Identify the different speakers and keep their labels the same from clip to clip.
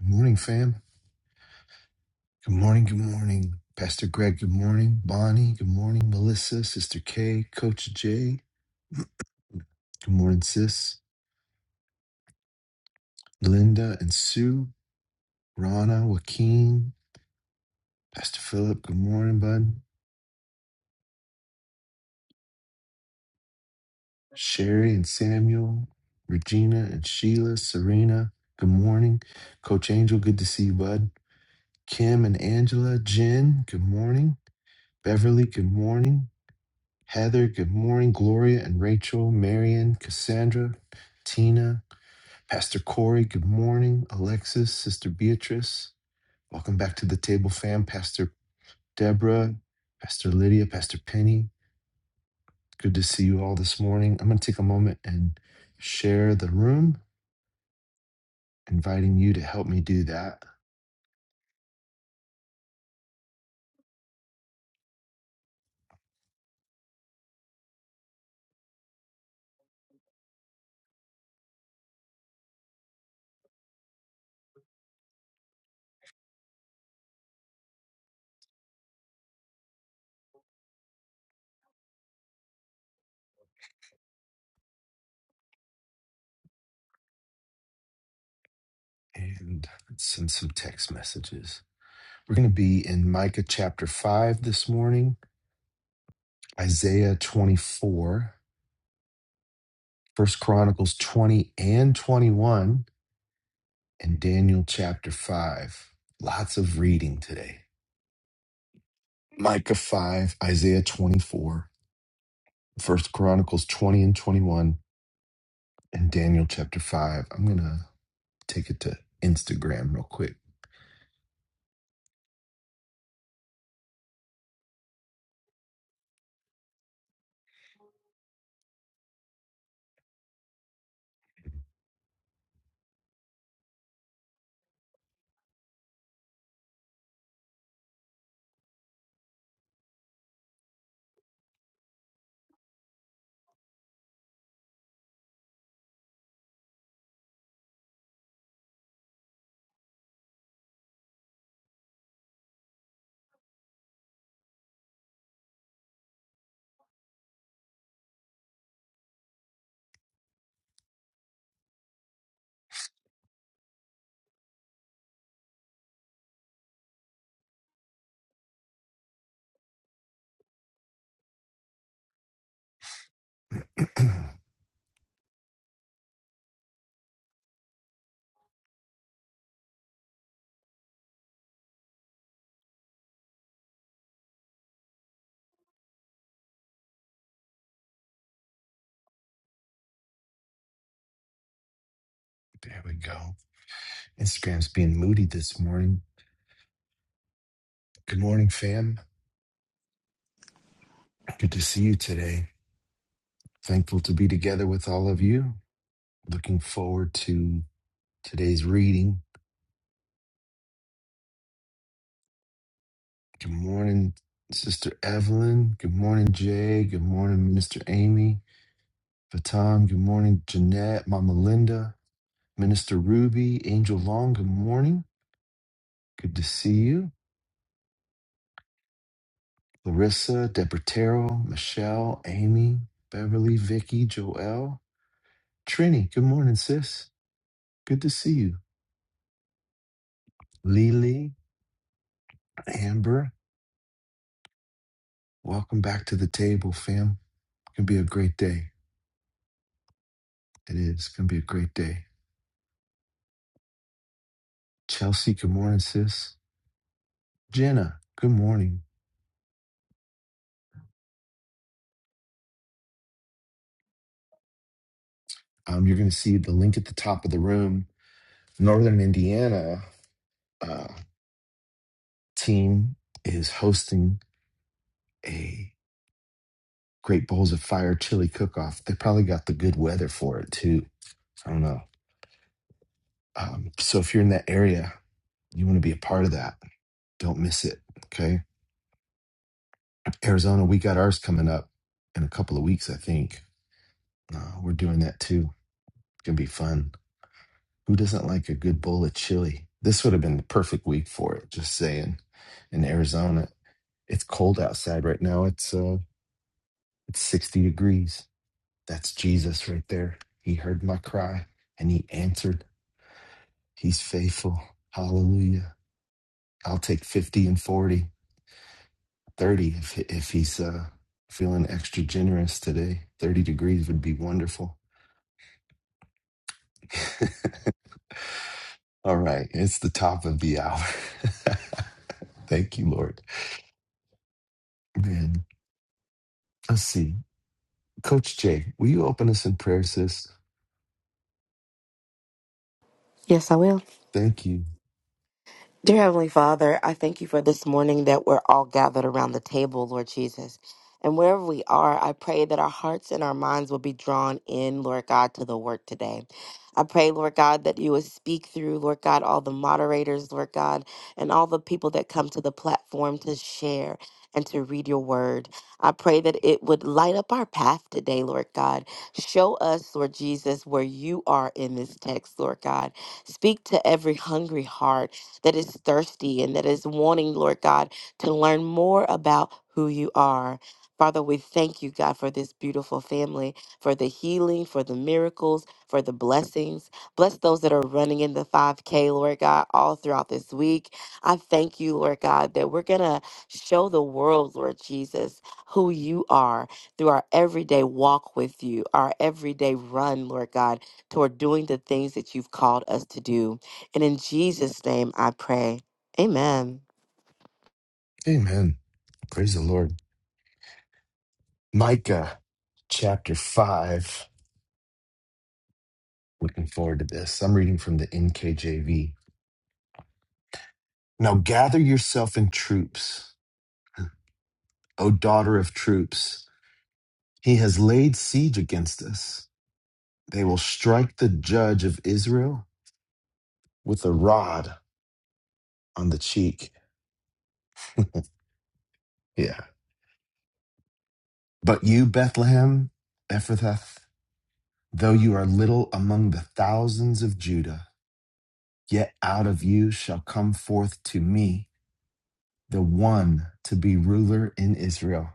Speaker 1: Good morning, fam. Good morning. Good morning, Pastor Greg. Good morning, Bonnie. Good morning, Melissa, Sister K, Coach Jay. Good morning, Sis, Linda and Sue, Rana, Joaquin, Pastor Philip. Good morning, bud. Sherry and Samuel, Regina and Sheila, Serena. Good morning, Coach Angel. Good to see you, bud. Kim and Angela, Jen. Good morning, Beverly. Good morning. Heather, good morning. Gloria and Rachel, Marion, Cassandra, Tina, Pastor Corey, good morning. Alexis, Sister Beatrice, welcome back to the table, fam. Pastor Deborah, Pastor Lydia, Pastor Penny, good to see you all this morning. I'm going to take a moment and share the room, inviting you to help me do that and let's send some text messages. We're going to be in Micah chapter 5 this morning, Isaiah 24. First Chronicles 20 and 21, and Daniel chapter 5. Lots of reading today. Micah 5, Isaiah 24, First Chronicles 20 and 21, and Daniel chapter 5. I'm going to take it to Instagram real quick. There we go. Instagram's being moody this morning. Good morning, fam. Good to see you today. Thankful to be together with all of you. Looking forward to today's reading. Good morning, Sister Evelyn. Good morning, Jay. Good morning, Minister Amy. Vatam. Good morning, Jeanette, Mama Linda, Minister Ruby, Angel Long. Good morning. Good to see you. Larissa, Depertero, Michelle, Amy, Beverly, Vicky, Joelle, Trini. Good morning, sis. Good to see you. Lily, Amber, welcome back to the table, fam. Gonna be a great day. It is gonna be a great day. Chelsea, good morning, sis. Jenna, good morning. Um, you're gonna see the link at the top of the room. Northern Indiana uh, team is hosting a Great Bowls of Fire chili cook-off. They probably got the good weather for it too. I don't know. Um, so if you're in that area, you want to be a part of that. Don't miss it. Okay Arizona, we got ours coming up in a couple of weeks, I think. Uh, we're doing that too. It's gonna be fun. Who doesn't like a good bowl of chili? This would have been the perfect week for it. Just saying. In Arizona, it's cold outside right now. It's uh, it's sixty degrees. That's Jesus right there. He heard my cry and he answered. He's faithful. Hallelujah. I'll take fifty and 40, 30 if if he's uh, feeling extra generous today. Thirty degrees would be wonderful. All right, it's the top of the hour. Thank you, Lord. Man, let's see. Coach Jay, will you open us in prayer, sis?
Speaker 2: Yes, I will.
Speaker 1: Thank you.
Speaker 2: Dear Heavenly Father, I thank you for this morning that we're all gathered around the table, Lord Jesus. And wherever we are, I pray that our hearts and our minds will be drawn in, Lord God, to the work today. I pray, Lord God, that you would speak through, Lord God, all the moderators, Lord God, and all the people that come to the platform to share and to read your word. I pray that it would light up our path today, Lord God. Show us, Lord Jesus, where you are in this text, Lord God. Speak to every hungry heart that is thirsty and that is wanting, Lord God, to learn more about who you are. Father, we thank you, God, for this beautiful family, for the healing, for the miracles, for the blessings. Bless those that are running in the 5K, Lord God, all throughout this week. I thank you, Lord God, that we're going to show the world, Lord Jesus, who you are through our everyday walk with you, our everyday run, Lord God, toward doing the things that you've called us to do. And in Jesus' name I pray. Amen.
Speaker 1: Amen. Praise the Lord. Micah chapter 5. Looking forward to this. I'm reading from the NKJV. Now gather yourself in troops, O daughter of troops. He has laid siege against us. They will strike the judge of Israel with a rod on the cheek. Yeah. But you, Bethlehem, Ephrathah, though you are little among the thousands of Judah, yet out of you shall come forth to me the one to be ruler in Israel.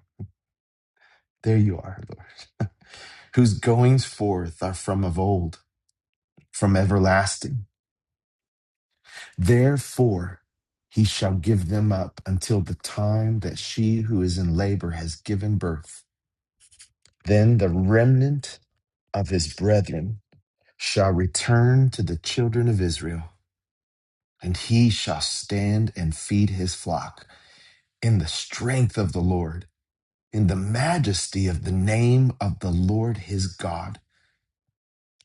Speaker 1: There you are, Lord, whose goings forth are from of old, from everlasting. Therefore, he shall give them up until the time that she who is in labor has given birth. Then the remnant of his brethren shall return to the children of Israel, and he shall stand and feed his flock in the strength of the Lord, in the majesty of the name of the Lord his God,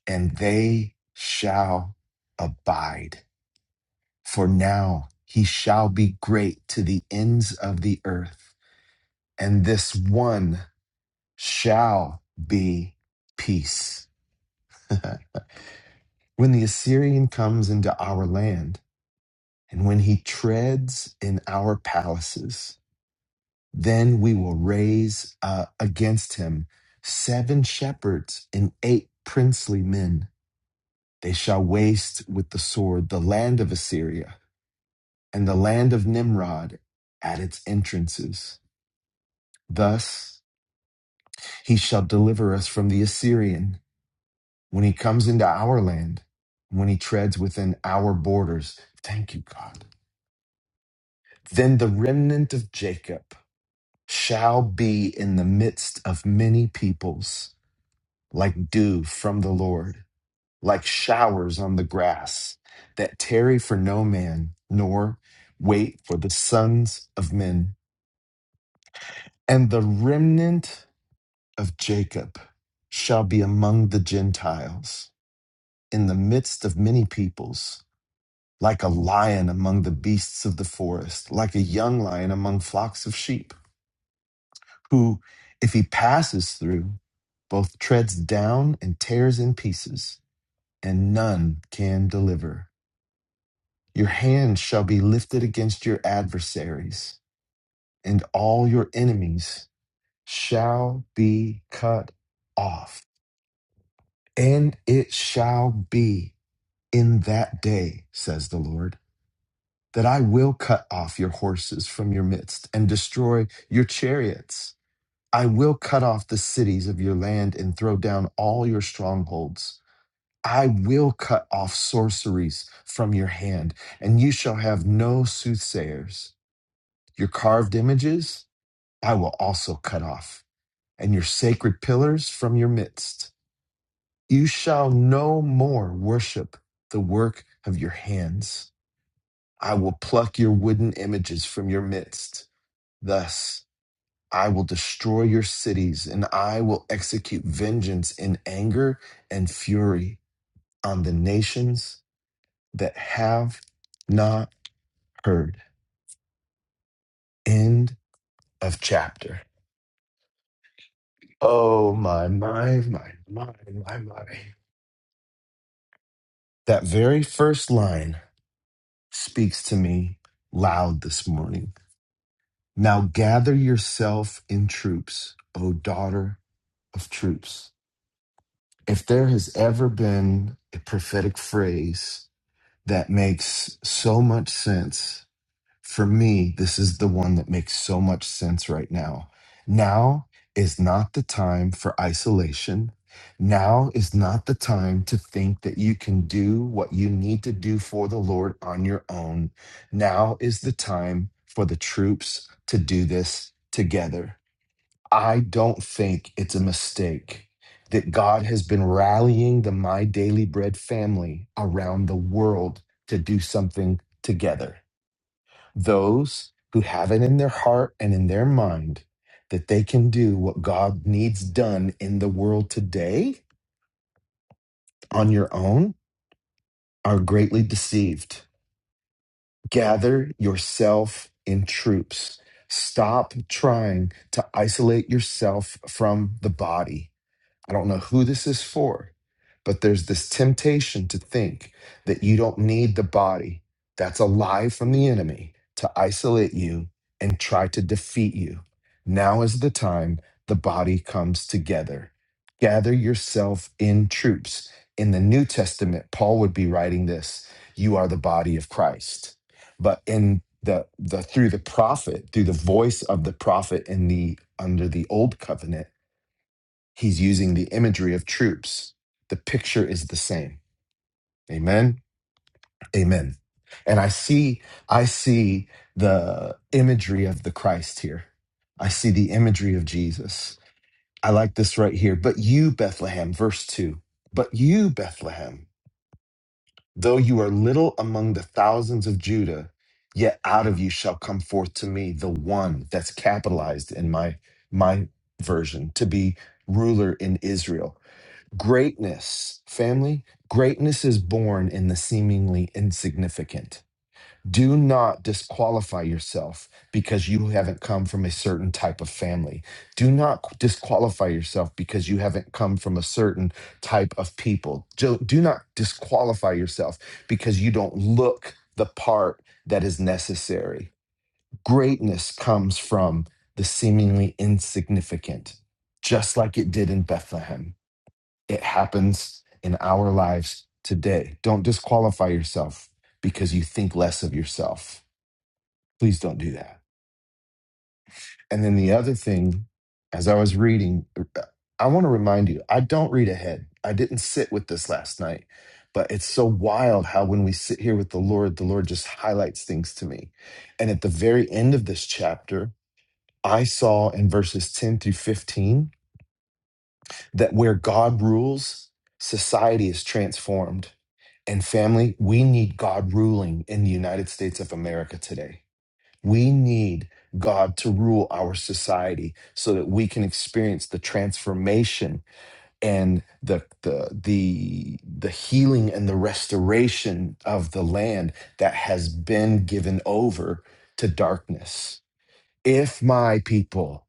Speaker 1: and they shall abide. For now he shall be great to the ends of the earth, and this one shall be peace. when the Assyrian comes into our land, And when he treads in our palaces, then we will raise uh, against him seven shepherds and eight princely men. They shall waste with the sword the land of Assyria and the land of Nimrod at its entrances. Thus he shall deliver us from the Assyrian when he comes into our land, when he treads within our borders. Thank you, God. Then the remnant of Jacob. shall be in the midst of many peoples, like dew from the Lord, like showers on the grass, that tarry for no man, nor wait for the sons of men. And the remnant of Jacob shall be among the Gentiles, in the midst of many peoples, like a lion among the beasts of the forest, like a young lion among flocks of sheep. who, if he passes through, both treads down and tears in pieces, and none can deliver. Your hand shall be lifted against your adversaries, and all your enemies shall be cut off. And it shall be in that day, says the Lord, that I will cut off your horses from your midst and destroy your chariots. I will cut off the cities of your land and throw down all your strongholds. I will cut off sorceries from your hand, and you shall have no soothsayers. Your carved images I will also cut off, and your sacred pillars from your midst. You shall no more worship the work of your hands. I will pluck your wooden images from your midst. Thus I will destroy your cities, and I will execute vengeance in anger and fury on the nations that have not heard. End of chapter. Oh, my, my, my, my, my, my. That very first line speaks to me loud this morning. Now gather yourself in troops, O daughter of troops. If there has ever been a prophetic phrase, that makes so much sense. For me, this is the one that makes so much sense right now. Now is not the time for isolation. Now is not the time to think that you can do what you need to do for the Lord on your own. Now is the time for the troops to do this together. I don't think it's a mistake that God has been rallying the My Daily Bread family around the world to do something together. Those who have it in their heart and in their mind that they can do what God needs done in the world today on your own are greatly deceived. Gather yourself in troops. Stop trying to isolate yourself from the body I don't know who this is for, but there's this temptation to think that you don't need the body. That's a lie from the enemy to isolate you and try to defeat you. Now is the time the body comes together. Gather yourself in troops. In the New Testament, Paul would be writing this You are the body of Christ. But in the, the through the prophet, through the voice of the prophet in the under the old covenant, He's using the imagery of troops. The picture is the same. Amen. Amen. And I see, I see the imagery of the Christ here. I see the imagery of Jesus. I like this right here. But you, Bethlehem, verse two, but you, Bethlehem, though you are little among the thousands of Judah, yet out of you shall come forth to me the one that's capitalized in my, my version to be ruler in Israel Greatness, family, greatness is born in the seemingly insignificant. Do not disqualify yourself because you haven't come from a certain type of family. Do not disqualify yourself because you haven't come from a certain type of people. Do, do not disqualify yourself because you don't look the part that is necessary. Greatness comes from the seemingly insignificant, just like it did in Bethlehem it happens in our lives today. Don't disqualify yourself because you think less of yourself. Please don't do that. And then the other thing, as I was reading, I want to remind you I don't read ahead. I didn't sit with this last night, but it's so wild how when we sit here with the Lord, the Lord just highlights things to me. And at the very end of this chapter, I saw in verses 10 through 15 that where God rules, society is transformed And family, we need God ruling in the United States of America today. We need God to rule our society so that we can experience the transformation and the the the the healing and the restoration of the land that has been given over to darkness. If my people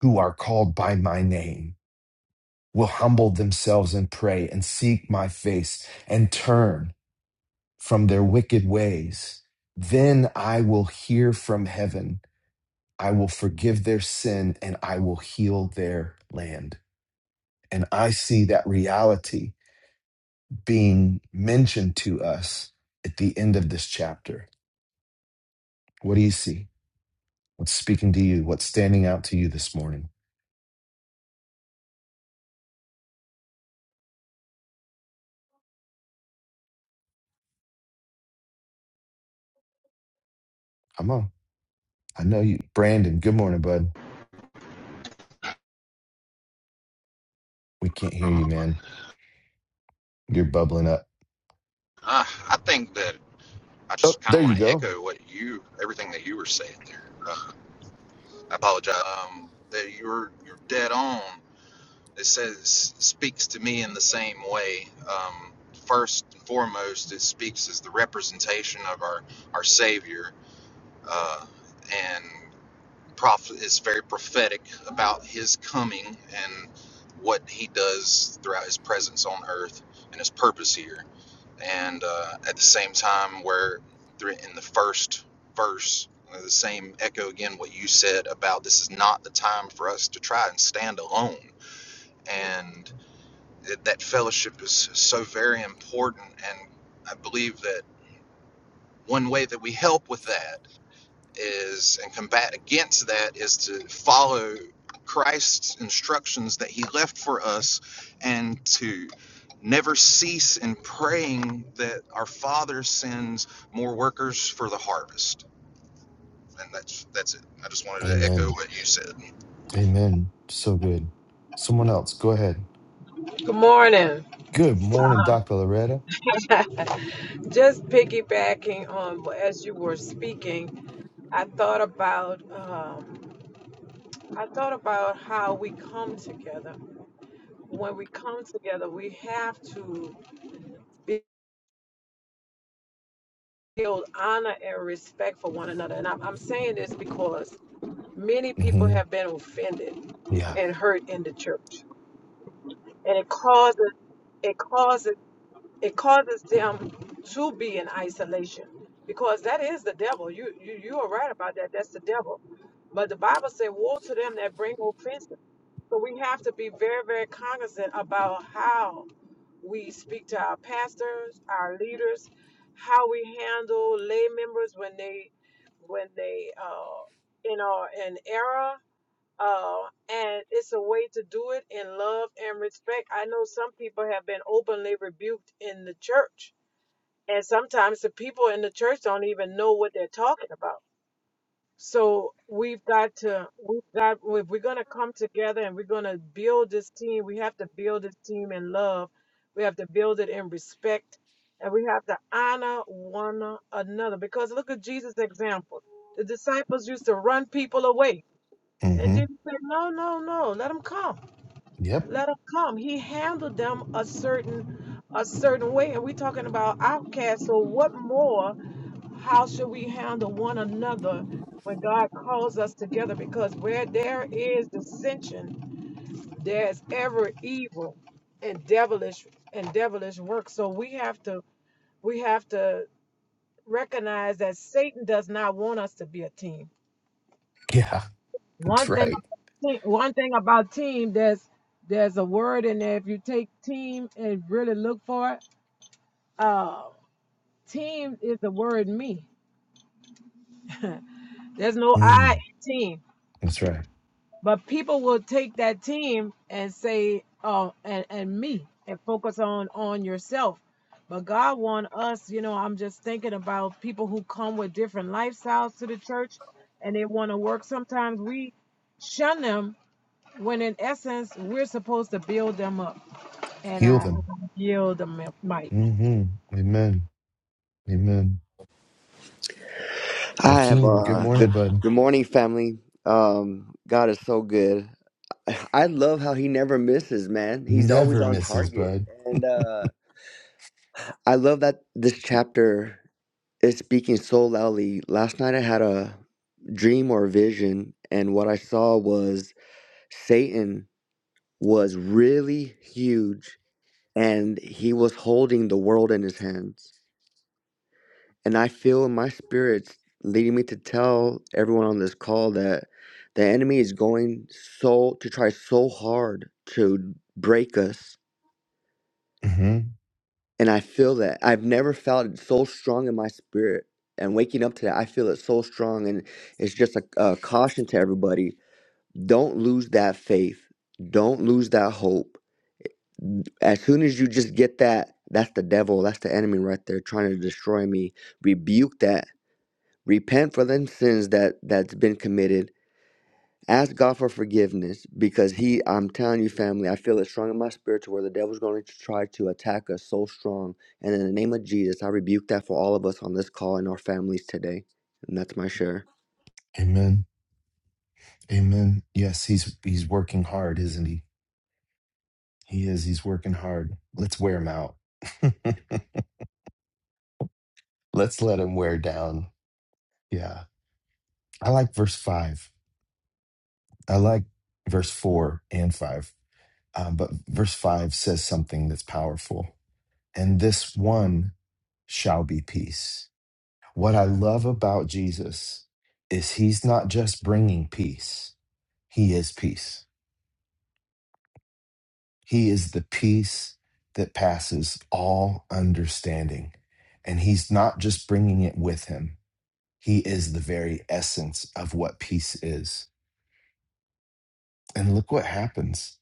Speaker 1: who are called by my name will humble themselves and pray and seek my face and turn from their wicked ways. Then I will hear from heaven. I will forgive their sin and I will heal their land. And I see that reality being mentioned to us at the end of this chapter. What do you see? What's speaking to you? What's standing out to you this morning? Come on. I know you. Brandon, good morning, bud. We can't hear you,
Speaker 3: wrong.
Speaker 1: man. You're bubbling up.
Speaker 3: Uh, I think that I
Speaker 1: Oh,
Speaker 3: just kind
Speaker 1: there
Speaker 3: of
Speaker 1: you
Speaker 3: want to
Speaker 1: go.
Speaker 3: echo what you, everything that you were saying there. Uh, I apologize. Um, that you're you're dead on. It says speaks to me in the same way. Um, first and foremost, it speaks as the representation of our our Savior, uh, and prophet is very prophetic about his coming and what he does throughout his presence on earth and his purpose here. And uh, at the same time, where thr- in the first verse, uh, the same echo again what you said about this is not the time for us to try and stand alone. And that that fellowship is so very important. And I believe that one way that we help with that is and combat against that is to follow Christ's instructions that he left for us and to never cease in praying that our father sends more workers for the harvest and that's that's it i just wanted to echo
Speaker 1: Amen.
Speaker 3: what you said
Speaker 1: Amen. So good. Someone else, go ahead.
Speaker 4: Good morning.
Speaker 1: Good morning, Dr. Loretta.
Speaker 4: Just piggybacking on what- as you were speaking, I thought about um, I thought about how we come together. When we come together, we have to build honor and respect for one another. And I'm, I'm saying this because many people
Speaker 1: hmm
Speaker 4: have been offended
Speaker 1: Yeah.
Speaker 4: and hurt in the church, and it causes it causes it causes them to be in isolation because that is the devil. You you you are right about that. That's the devil. But the Bible said, "Woe to them that bring offenses." So we have to be very very cognizant about how we speak to our pastors, our leaders, how we handle lay members when they when they uh, in our in error uh, and it's a way to do it in love and respect. I know some people have been openly rebuked in the church, and sometimes the people in the church don't even know what they're talking about. So we've got to, we've got, if we're going to come together and we're going to build this team, we have to build this team in love. We have to build it in respect, and we have to honor one another. Because look at Jesus' example. The disciples used to run people away and
Speaker 1: hmm
Speaker 4: Jesus said, No, no, no. Let them come.
Speaker 1: Yep.
Speaker 4: Let them come. He handled them a certain a certain way. And we're talking about outcasts. So what more? How should we handle one another when God calls us together? Because where there is dissension, there is ever evil and devilish and devilish work. So we have to we have to recognize that Satan does not want us to be a team.
Speaker 1: Yeah. That's
Speaker 4: One thing,
Speaker 1: right.
Speaker 4: one thing about team, there's there's a word in there. If you take team and really look for it, uh, team is the word me. There's no I in
Speaker 1: Mm,
Speaker 4: team,
Speaker 1: that's right.
Speaker 4: but people will take that team and say, oh, and and me, and focus on on yourself. But God want us, you know. I'm just thinking about people who come with different lifestyles to the church, and they want to work. Sometimes we shun them when in essence we're supposed to build them up and
Speaker 1: Heal
Speaker 4: i
Speaker 1: them.
Speaker 4: yield the mi- mic
Speaker 1: hmm Amen. Amen.
Speaker 5: I have
Speaker 1: Joaquin, good
Speaker 5: uh
Speaker 1: morning,
Speaker 5: good
Speaker 1: bud.
Speaker 5: good morning family. Um God is so good. I love how he never misses, man. He's always
Speaker 1: Never
Speaker 5: on
Speaker 1: misses,
Speaker 5: target.
Speaker 1: bud.
Speaker 5: And uh I love that this chapter is speaking so loudly. Last night I had a dream or vision and what I saw was Satan was really huge and he was holding the world in his hands And I feel in my spirits leading me to tell everyone on this call that the enemy is going so to try so hard to break us.
Speaker 1: hmm
Speaker 5: And I feel that I've never felt it so strong in my spirit. And waking up to that, I feel it so strong. And it's just a, a caution to everybody don't lose that faith, don't lose that hope. As soon as you just get that, that's the devil, that's the enemy right there trying to destroy me. Rebuke that repent for them sins that that's been committed ask god for forgiveness because he i'm telling you family i feel it strong in my spirit to where the devil's going to try to attack us so strong and in the name of jesus i rebuke that for all of us on this call and our families today and that's my share
Speaker 1: Amen. Amen. Yes, he's he's working hard, isn't he? He is. He's working hard. Let's wear him out. Let's let him wear down. Yeah. I like verse five. I like verse four and five. Um, but verse 5 says something that's powerful. And this one shall be peace. What I love about Jesus is he's not just bringing peace, he is peace. He is the peace that passes all understanding. And he's not just bringing it with him, he is the very essence of what peace is. And look what happens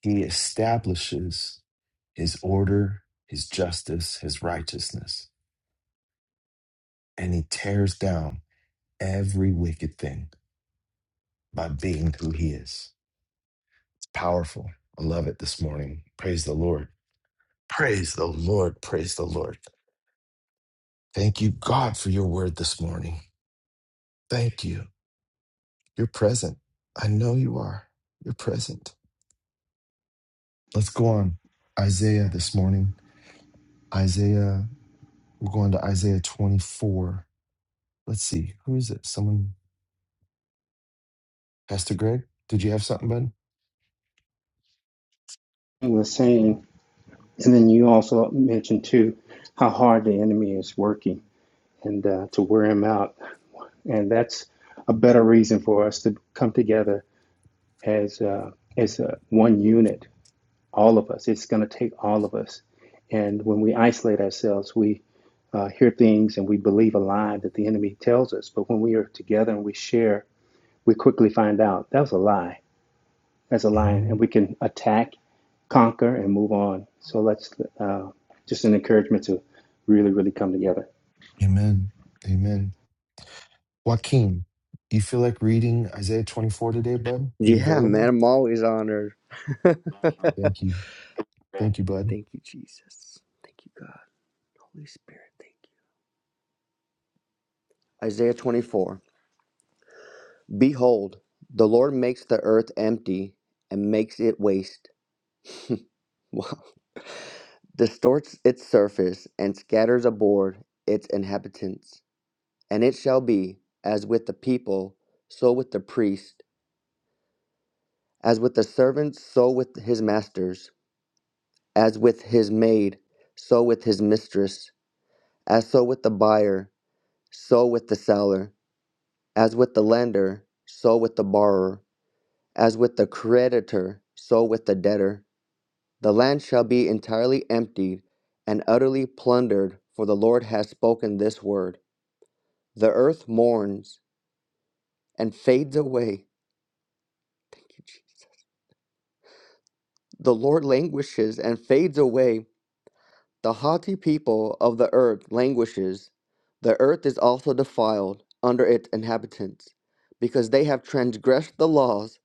Speaker 1: he establishes his order, his justice, his righteousness and he tears down every wicked thing by being who he is. It's powerful. I love it this morning. Praise the Lord. Praise the Lord. Praise the Lord. Thank you, God, for your word this morning. Thank you. You're present. I know you are. You're present. Let's go on. Isaiah this morning. Isaiah, we're going to Isaiah 24. Let's see. Who is it? Someone, Pastor Greg? Did you have something, bud?
Speaker 6: was saying, and then you also mentioned too how hard the enemy is working and uh, to wear him out, and that's a better reason for us to come together as uh, as uh, one unit, all of us. It's going to take all of us, and when we isolate ourselves, we uh, hear things and we believe a lie that the enemy tells us. But when we are together and we share, we quickly find out that was a lie as a lion, and
Speaker 1: Mhm.
Speaker 6: we can attack, conquer, and move on. So let's uh, just an encouragement to really, really come together.
Speaker 1: Amen. Amen. Joaquin, do you feel like reading Isaiah 24 today, bud? Are you
Speaker 5: yeah man
Speaker 1: available?
Speaker 5: i'm always honored thank
Speaker 1: Thank you. Thank you, bud.
Speaker 5: you jesus thank you god holy spirit thank you isaiah 24 behold the lord makes the earth empty and makes it waste wow distorts its surface and scatters abroad its inhabitants. And it shall be as with the people, so with the priest, as with the servants, so with his masters, as with his maid, so with his mistress, as so with the buyer, so with the seller, as with the lender, so with the borrower, as with the creditor, so with the debtor. The land shall be entirely emptied and utterly plundered, for the Lord has spoken this word. The earth mourns and fades away. The Lord languishes and fades away. The haughty people of the earth languishes. The earth is also defiled under its inhabitants, because they have transgressed the laws,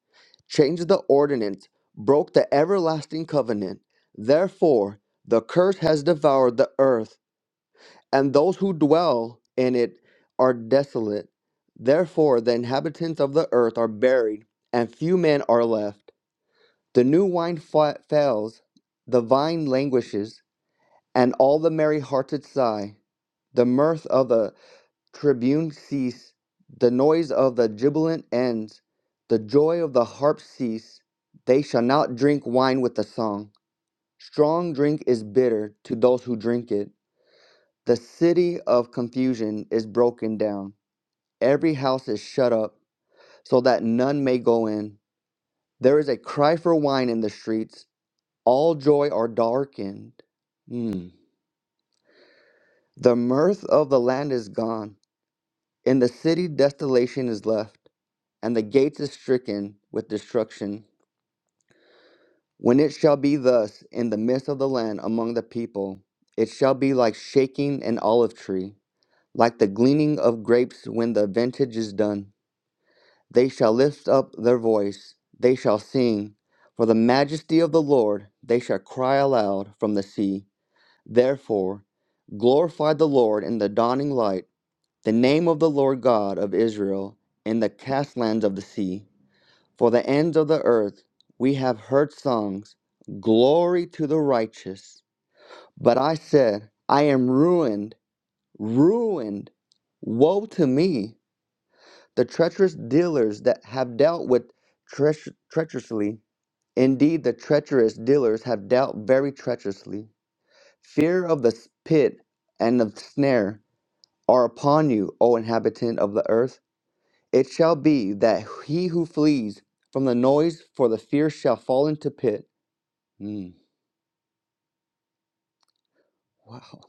Speaker 5: changed the ordinance, broke the everlasting covenant. Therefore, the curse has devoured the earth and those who dwell in it are desolate. Therefore, the inhabitants of the earth are buried, and few men are left. The new wine fa- fails, the vine languishes, and all the merry hearted sigh. The mirth of the tribune cease, the noise of the jubilant ends, the joy of the harp cease. They shall not drink wine with a song. Strong drink is bitter to those who drink it. The city of confusion is broken down. Every house is shut up, so that none may go in. There is a cry for wine in the streets. All joy are darkened. Hmm. The mirth of the land is gone. In the city, desolation is left, and the gates is stricken with destruction. When it shall be thus in the midst of the land among the people, it shall be like shaking an olive tree, like the gleaning of grapes when the vintage is done. They shall lift up their voice, they shall sing, for the majesty of the Lord, they shall cry aloud from the sea. Therefore, glorify the Lord in the dawning light, the name of the Lord God of Israel in the castlands of the sea. For the ends of the earth we have heard songs, glory to the righteous. But I said, I am ruined, ruined, woe to me. The treacherous dealers that have dealt with treach- treacherously, indeed, the treacherous dealers have dealt very treacherously. Fear of the pit and of the snare are upon you, O inhabitant of the earth. It shall be that he who flees from the noise for the fear shall fall into pit. Mm, wow.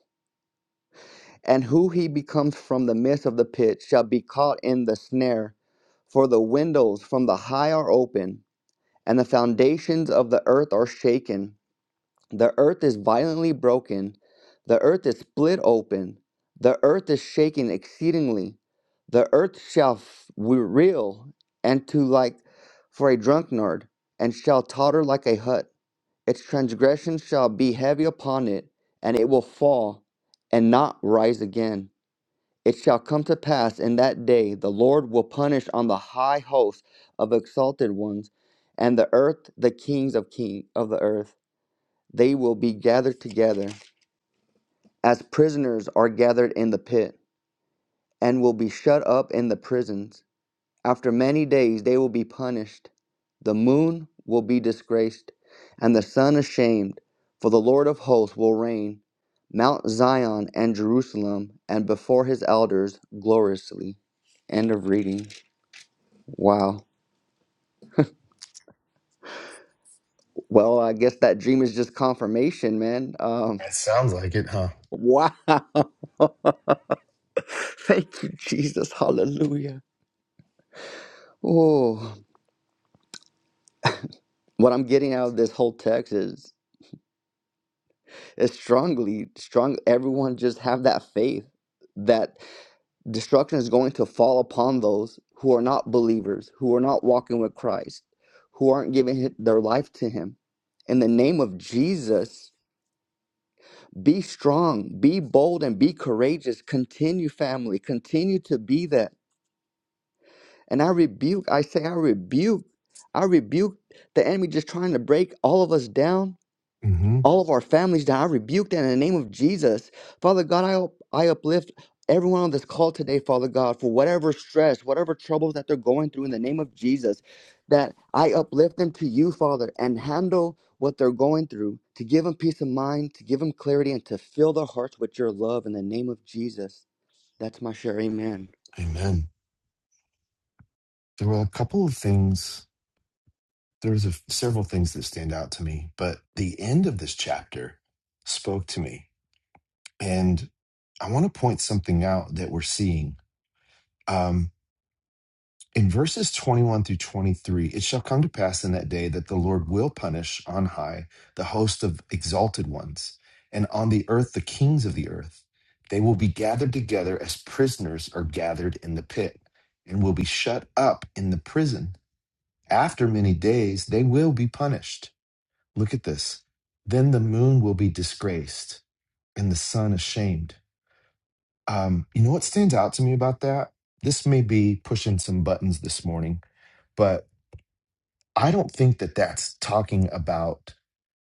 Speaker 5: And who he becomes from the midst of the pit shall be caught in the snare, for the windows from the high are open and the foundations of the earth are shaken. The earth is violently broken, the earth is split open, the earth is shaken exceedingly. The earth shall reel and to like for a drunkard, and shall totter like a hut. Its transgression shall be heavy upon it, and it will fall and not rise again. It shall come to pass in that day the Lord will punish on the high host of exalted ones, and the earth the kings of king of the earth. They will be gathered together, as prisoners are gathered in the pit, and will be shut up in the prisons. After many days they will be punished. The moon will be disgraced, and the sun ashamed, for the Lord of hosts will reign, Mount Zion and Jerusalem, and before his elders gloriously. End of reading. Wow. Well, I guess that dream is just confirmation, man. Um,
Speaker 1: It sounds like it, huh?
Speaker 5: wow. Thank you, Jesus. Hallelujah. Oh, what I'm getting out of this whole text is It's strongly strong everyone just have that faith that destruction is going to fall upon those who are not believers, who are not walking with Christ, who aren't giving hi- their life to him. In the name of Jesus, be strong, be bold and be courageous. Continue family, continue to be that. And I rebuke, I say I rebuke. I rebuke the enemy just trying to break all of us down
Speaker 1: Mm-hmm.
Speaker 5: all of our families down. I rebuke that in the name of Jesus. Father God, I, up- I uplift everyone on this call today, Father God, for whatever stress, whatever troubles that they're going through in the name of Jesus, that I uplift them to you, Father, and handle what they're going through to give them peace of mind, to give them clarity, and to fill their hearts with your love in the name of Jesus. That's my share. Amen.
Speaker 1: Amen. There were a couple of things, there's a, several things that stand out to me, but the end of this chapter spoke to me. And I want to point something out that we're seeing. Um, In verses 21 through 23, it shall come to pass in that day that the Lord will punish on high the host of exalted ones, and on the earth the kings of the earth. They will be gathered together as prisoners are gathered in the pit, and will be shut up in the prison. After many days, they will be punished. Look at this. Then the moon will be disgraced, and the sun ashamed. Um, you know what stands out to me about that? This may be pushing some buttons this morning. but. I don't think that that's talking about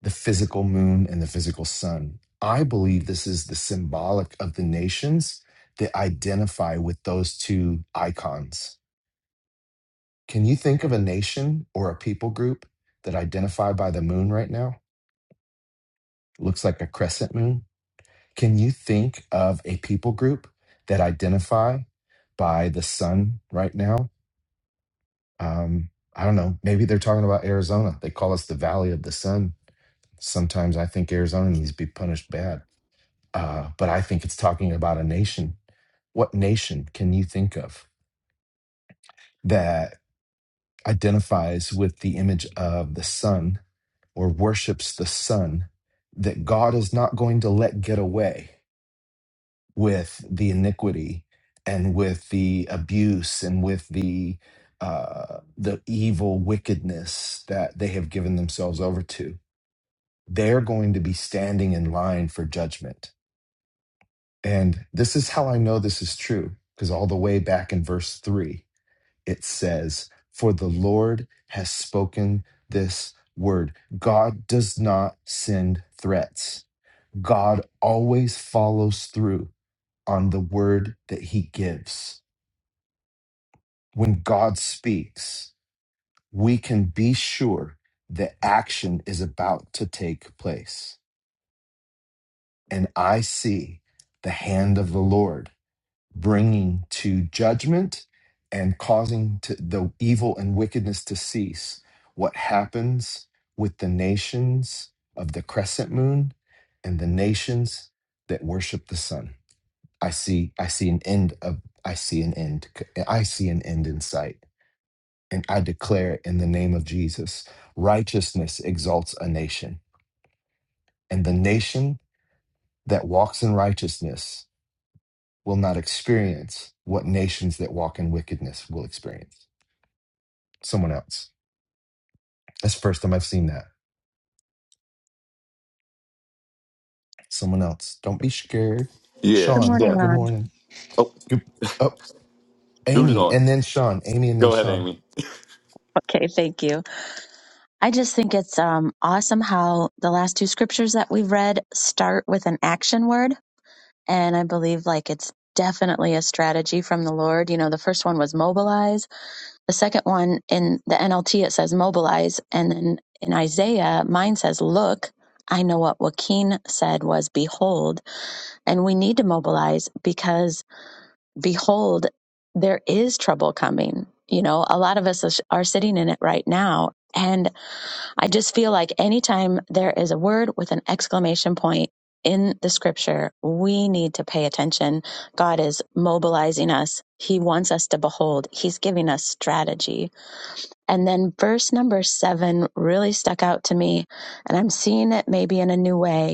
Speaker 1: the physical moon and the physical sun. I believe this is the symbolic of the nations that identify with those two icons. Can you think of a nation or a people group that identify by the moon right now? Looks like a crescent moon. Can you think of a people group that identify by the sun right now? Um, I don't know. Maybe they're talking about Arizona. They call us the Valley of the Sun Sometimes I think Arizona needs to be punished bad. Uh, but I think it's talking about a nation. What nation can you think of that identifies with the image of the sun or worships the sun that God is not going to let get away with the iniquity and with the abuse and with the uh, the evil wickedness that they have given themselves over to? They're going to be standing in line for judgment And this is how I know this is true, because all the way back in verse three, it says, For the Lord has spoken this word. God does not send threats, God always follows through on the word that he gives. When God speaks, we can be sure that action is about to take place. And I see the hand of the Lord bringing to judgment and causing to, the evil and wickedness to cease. What happens with the nations of the crescent moon and the nations that worship the sun? I see. I see an end of. I see an end. I see an end in sight, and I declare it in the name of Jesus. Righteousness exalts a nation, and the nation that walks in righteousness will not experience what nations that walk in wickedness will experience. Someone else. That's the first time I've seen that. Someone else. Don't be scared.
Speaker 7: Yeah.
Speaker 8: Good
Speaker 1: Sean,
Speaker 8: morning,
Speaker 7: Yeah.
Speaker 1: good
Speaker 8: Ron.
Speaker 1: morning.
Speaker 7: Oh,
Speaker 1: Good. Oh,
Speaker 7: who's
Speaker 1: Amy,
Speaker 7: going?
Speaker 1: and then Sean. Amy, and then
Speaker 7: Go ahead,
Speaker 1: Sean.
Speaker 7: Amy.
Speaker 8: Okay, thank you. I just think it's um, awesome how the last two scriptures that we've read start with an action word. And I believe like it's definitely a strategy from the Lord. You know, the first one was mobilize. The second one in the NLT, it says mobilize. And then in Isaiah, mine says look. I know what Joaquin said was behold. And we need to mobilize because behold, there is trouble coming. You know, a lot of us are sitting in it right now. And I just feel like anytime there is a word with an exclamation point in the scripture, we need to pay attention. God is mobilizing us. He wants us to behold. He's giving us strategy. And then verse number seven really stuck out to me. And I'm seeing it maybe in a new way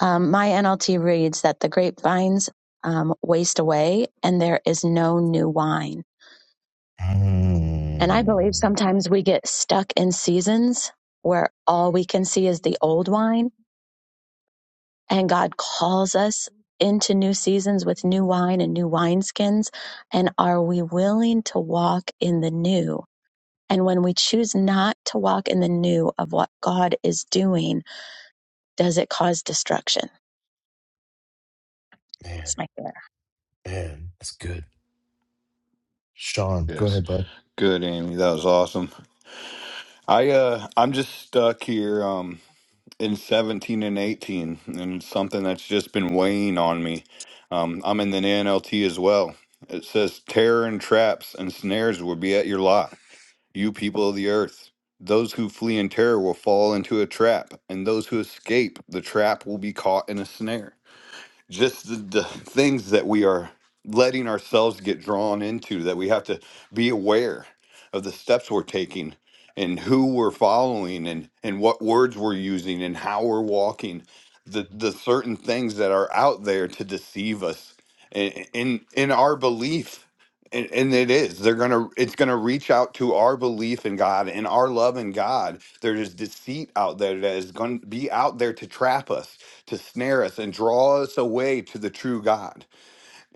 Speaker 8: um, my NLT reads that the grapevines um, waste away and there is no new wine. And I believe
Speaker 1: Mm,
Speaker 8: sometimes we get stuck in seasons where all we can see is the old wine, and God calls us into new seasons with new wine and new wineskins. And are we willing to walk in the new? And when we choose not to walk in the new of what God is doing, does it cause destruction?
Speaker 1: man,
Speaker 8: That's my thought.
Speaker 1: man, that's good. Sean, go
Speaker 7: Yes.
Speaker 1: ahead, bud.
Speaker 7: Good, Amy. That was awesome. I uh I'm just stuck here um in 17 and 18 and it's something that's just been weighing on me. Um I'm in the NLT as well. It says terror and traps and snares will be at your lot, you people of the earth. Those who flee in terror will fall into a trap, and those who escape the trap will be caught in a snare. just the, the things that we are letting ourselves get drawn into that we have to be aware of the steps we're taking and who we're following and and what words we're using and how we're walking the the certain things that are out there to deceive us in in, in our belief and, and it is they're gonna it's gonna reach out to our belief in god and our love in god there is deceit out there that is gonna be out there to trap us to snare us and draw us away to the true God.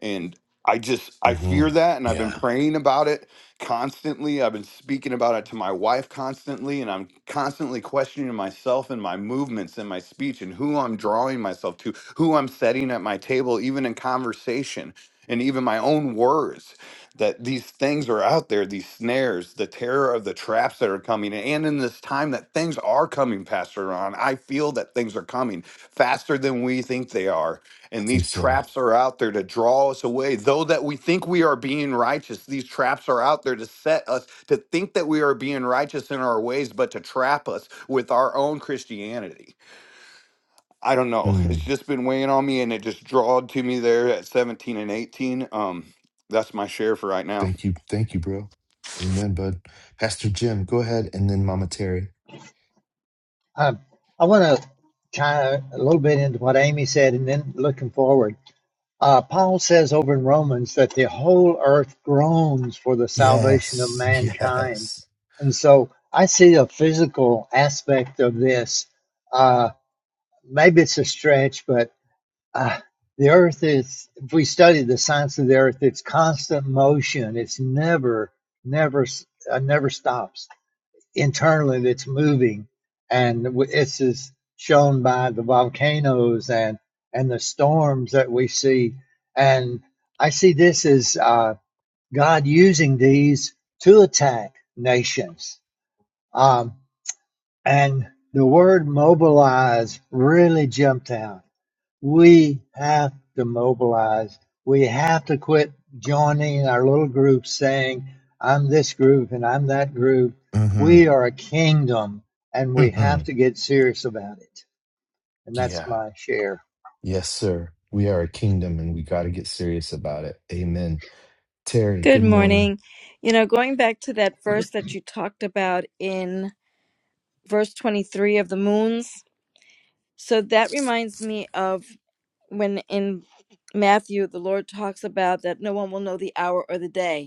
Speaker 7: And I just I
Speaker 1: hmm
Speaker 7: fear that and I've been
Speaker 1: Yeah,
Speaker 7: praying about it constantly. I've been speaking about it to my wife constantly and I'm constantly questioning myself and my movements and my speech and who I'm drawing myself to, who I'm setting at my table even in conversation and even my own words that these things are out there, these snares, the terror of the traps that are coming. And in this time that things are coming, Pastor Ron, I feel that things are coming faster than we think they are
Speaker 1: I
Speaker 7: and
Speaker 1: think
Speaker 7: these
Speaker 1: so.
Speaker 7: traps are out there to draw us away though that we think we are being righteous these traps are out there to set us to think that we are being righteous in our ways but to trap us with our own christianity i don't know it's
Speaker 1: Mm,
Speaker 7: just been weighing on me and it just drawed to me there at 17 and 18 um that's my share for right now
Speaker 1: thank you. Thank you, bro. Amen, bud. Pastor Jim, go ahead, and then Mama Terry.
Speaker 9: Um, I want to tie a little bit into what Amy said and then looking forward. Uh, Paul says over in Romans that the whole earth groans for the salvation of
Speaker 1: Yes,
Speaker 9: mankind.
Speaker 1: yes.
Speaker 9: And so I see a physical aspect of this. Uh, maybe it's a stretch, but uh, the earth is, if we study the science of the earth, it's constant motion. It's never, never, uh, never stops internally that's moving, and this is shown by the volcanoes and and the storms that we see. And I see this as uh, God using these to attack nations. Um, and the word mobilize really jumped out we have to mobilize. We have to quit joining our little groups saying, I'm this group and I'm that group. We
Speaker 1: Mm-hmm.
Speaker 9: are a kingdom and we have to get serious about it. And that's
Speaker 1: Yeah.
Speaker 9: my share.
Speaker 1: Yes, sir. We are a kingdom and we got to get serious about it. Amen. Terry,
Speaker 10: Good
Speaker 1: good morning.
Speaker 10: morning. You know, going back to that verse that you talked about in verse 23 of the moons, so that reminds me of when in Matthew the Lord talks about that no one will know the hour or the day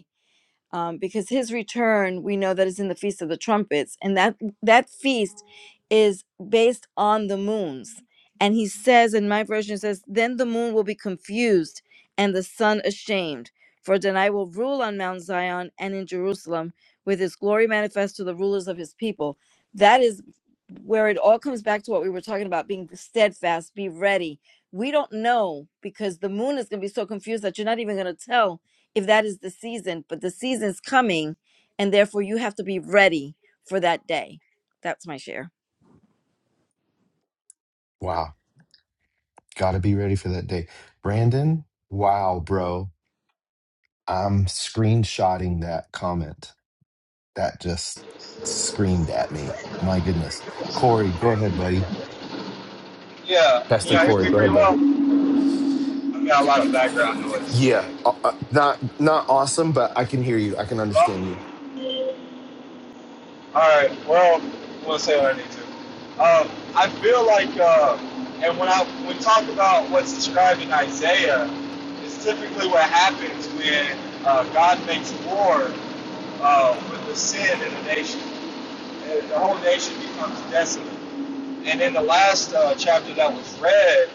Speaker 10: um, because his return we know that is in the feast of the trumpets and that that feast is based on the moons and he says in my version it says then the moon will be confused and the sun ashamed for then i will rule on mount zion and in jerusalem with his glory manifest to the rulers of his people that is where it all comes back to what we were talking about being steadfast be ready we don't know because the moon is going to be so confused that you're not even going to tell if that is the season, but the season's coming, and therefore you have to be ready for that day. That's my share.
Speaker 1: Wow. Got to be ready for that day. Brandon, wow, bro. I'm screenshotting that comment. That just screamed at me. My goodness. Corey, go ahead, buddy.
Speaker 11: Yeah, can
Speaker 1: Pastor
Speaker 11: y'all
Speaker 1: Corey,
Speaker 11: hear me
Speaker 1: go
Speaker 11: pretty
Speaker 1: ahead, bud.
Speaker 11: well? I got a lot of background noise.
Speaker 1: Yeah. Uh, uh, not not awesome, but I can hear you. I can
Speaker 11: Well,
Speaker 1: understand you.
Speaker 11: all right, well, we'll say what I need to. Um, I feel like, uh, and when I when we talk about what's described in Isaiah, it's typically what happens when uh, God makes war uh, with the sin in the nation. And the whole nation becomes desolate. And in the last uh, chapter that was read,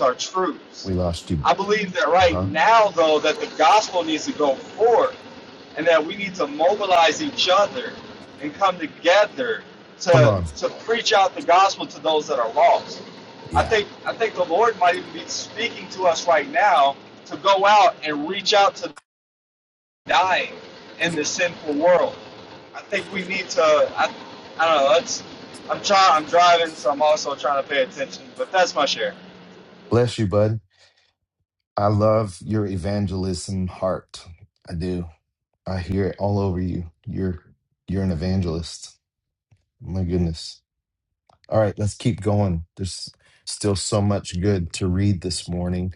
Speaker 11: are truths.
Speaker 1: We lost you.
Speaker 11: I believe that right
Speaker 1: Uh-huh.
Speaker 11: now, though, that the gospel needs to go forth and that we need to mobilize each other and come together
Speaker 1: Come
Speaker 11: to,
Speaker 1: on.
Speaker 11: to preach out the gospel to those that are lost. I
Speaker 1: Yeah.
Speaker 11: think, I think the Lord might even be speaking to us right now to go out and reach out to the dying in the sinful world. I think we need to, I, I don't know, let's, I'm trying, I'm driving, so I'm also trying to pay attention, but that's my share.
Speaker 1: Bless you, bud. I love your evangelism heart. I do. I hear it all over you. You're you're an evangelist. My goodness. All right, let's keep going. There's still so much good to read this morning.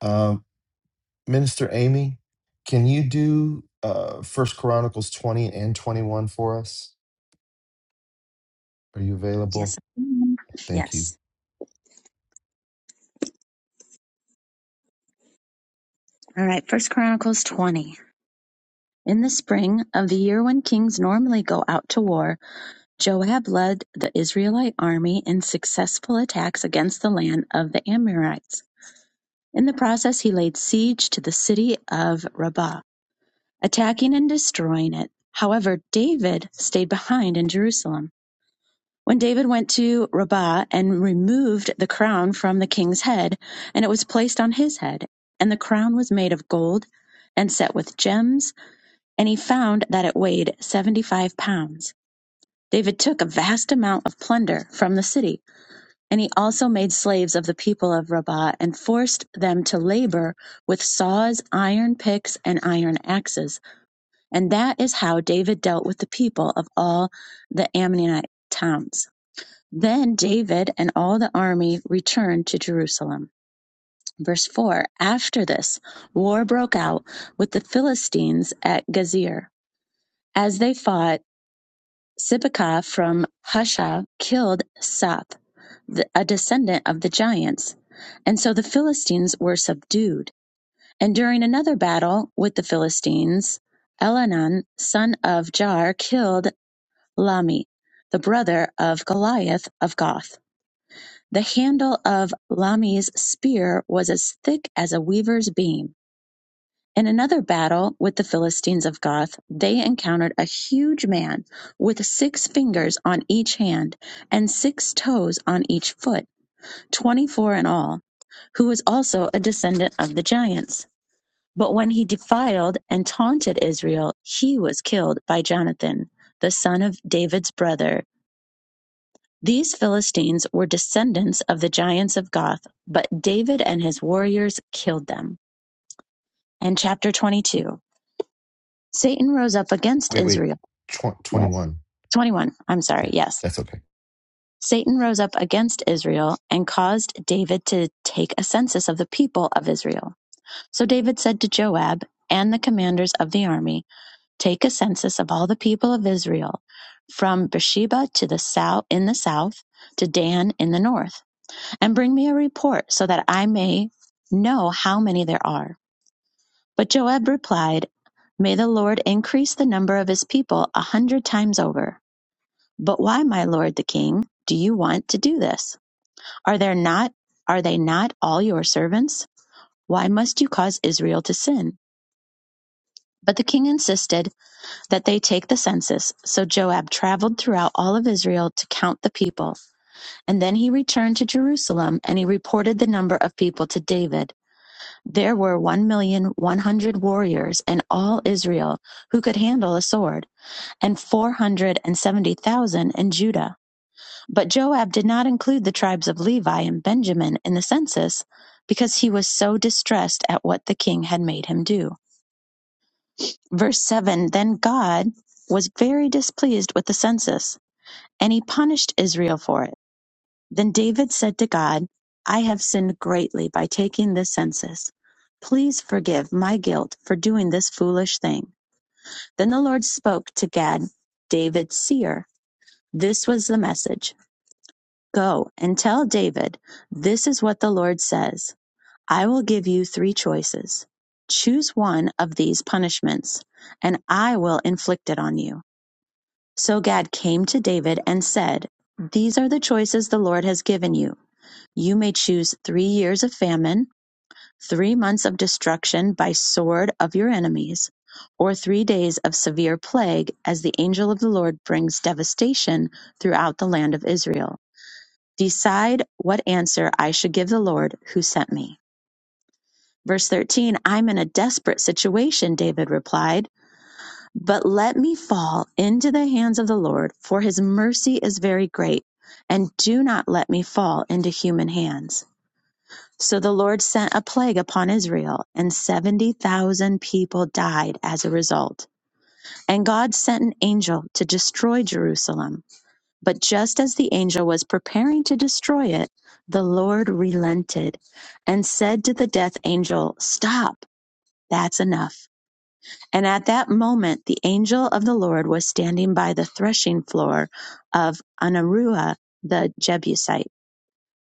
Speaker 1: Um, Minister Amy, can you do uh First Chronicles 20 and 21 for us? Are you available?
Speaker 8: Yes. I am.
Speaker 1: Thank you.
Speaker 8: Yes. All right. First Chronicles 20. In the spring of the year when kings normally go out to war, Joab led the Israelite army in successful attacks against the land of the Amorites. In the process, he laid siege to the city of Rabbah, attacking and destroying it. However, David stayed behind in Jerusalem. When David went to Rabbah and removed the crown from the king's head, and it was placed on his head, and the crown was made of gold and set with gems, and he found that it weighed 75 pounds. David took a vast amount of plunder from the city, and he also made slaves of the people of Rabbah and forced them to labor with saws, iron picks, and iron axes. And that is how David dealt with the people of all the Ammonite towns. Then David and all the army returned to Jerusalem. Verse 4 After this, war broke out with the Philistines at Gazer. As they fought, Sibekah from Husha killed Soph, a descendant of the giants. And so the Philistines were subdued. And during another battle with the Philistines, Elhanan, son of Jair, killed Lami, the brother of Goliath of Gath. The handle of Lami's spear was as thick as a weaver's beam. In another battle with the Philistines of Gath, they encountered a huge man with six fingers on each hand and six toes on each foot, 24 in all, who was also a descendant of the giants. But when he defiled and taunted Israel, he was killed by Jonathan, the son of David's brother, These Philistines were descendants of the giants of Goth, but David and his warriors killed them. And chapter 22 Satan rose up against
Speaker 1: Wait, wait.
Speaker 8: Israel.
Speaker 1: Tw-
Speaker 8: Yes.
Speaker 1: 21.
Speaker 8: 21. I'm sorry.
Speaker 1: Yeah,
Speaker 8: Yes.
Speaker 1: that's okay.
Speaker 8: Satan rose up against Israel and caused David to take a census of the people of Israel. So David said to Joab and the commanders of the army, Take a census of all the people of Israel, from Beersheba to the south in the south to Dan in the north and bring me a report so that I may know how many there are. But Joab replied, May the Lord increase the number of his people a hundred times over. But why, my lord the king, do you want to do this? Are there not are they not all your servants? Why must you cause Israel to sin? But the king insisted that they take the census. So Joab traveled throughout all of Israel to count the people. And then he returned to Jerusalem and he reported the number of people to David. There were one million one hundred warriors in all Israel who could handle a sword, and four hundred and seventy thousand in Judah. But Joab did not include the tribes of Levi and Benjamin in the census because he was so distressed at what the king had made him do. Verse 7 Then God was very displeased with the census, and he punished Israel for it. Then David said to God, I have sinned greatly by taking this census. Please forgive my guilt for doing this foolish thing. Then the Lord spoke to Gad, David's seer. This was the message Go and tell David, this is what the Lord says. I will give you three choices. Choose one of these punishments, and I will inflict it on you. So Gad came to David and said, These are the choices the Lord has given you. You may choose three years of famine, three months of destruction by sword of your enemies, or three days of severe plague as the angel of the Lord brings devastation throughout the land of Israel. Decide what answer I should give the Lord who sent me. Verse 13 I'm in a desperate situation, David replied, but let me fall into the hands of the Lord, for his mercy is very great, and do not let me fall into human hands. So the Lord sent a plague upon Israel, and 70,000 people died as a result. And God sent an angel to destroy Jerusalem. But just as the angel was preparing to destroy it, the Lord relented and said to the death angel, Stop, that's enough. And at that moment, the angel of the Lord was standing by the threshing floor of Anaruah the Jebusite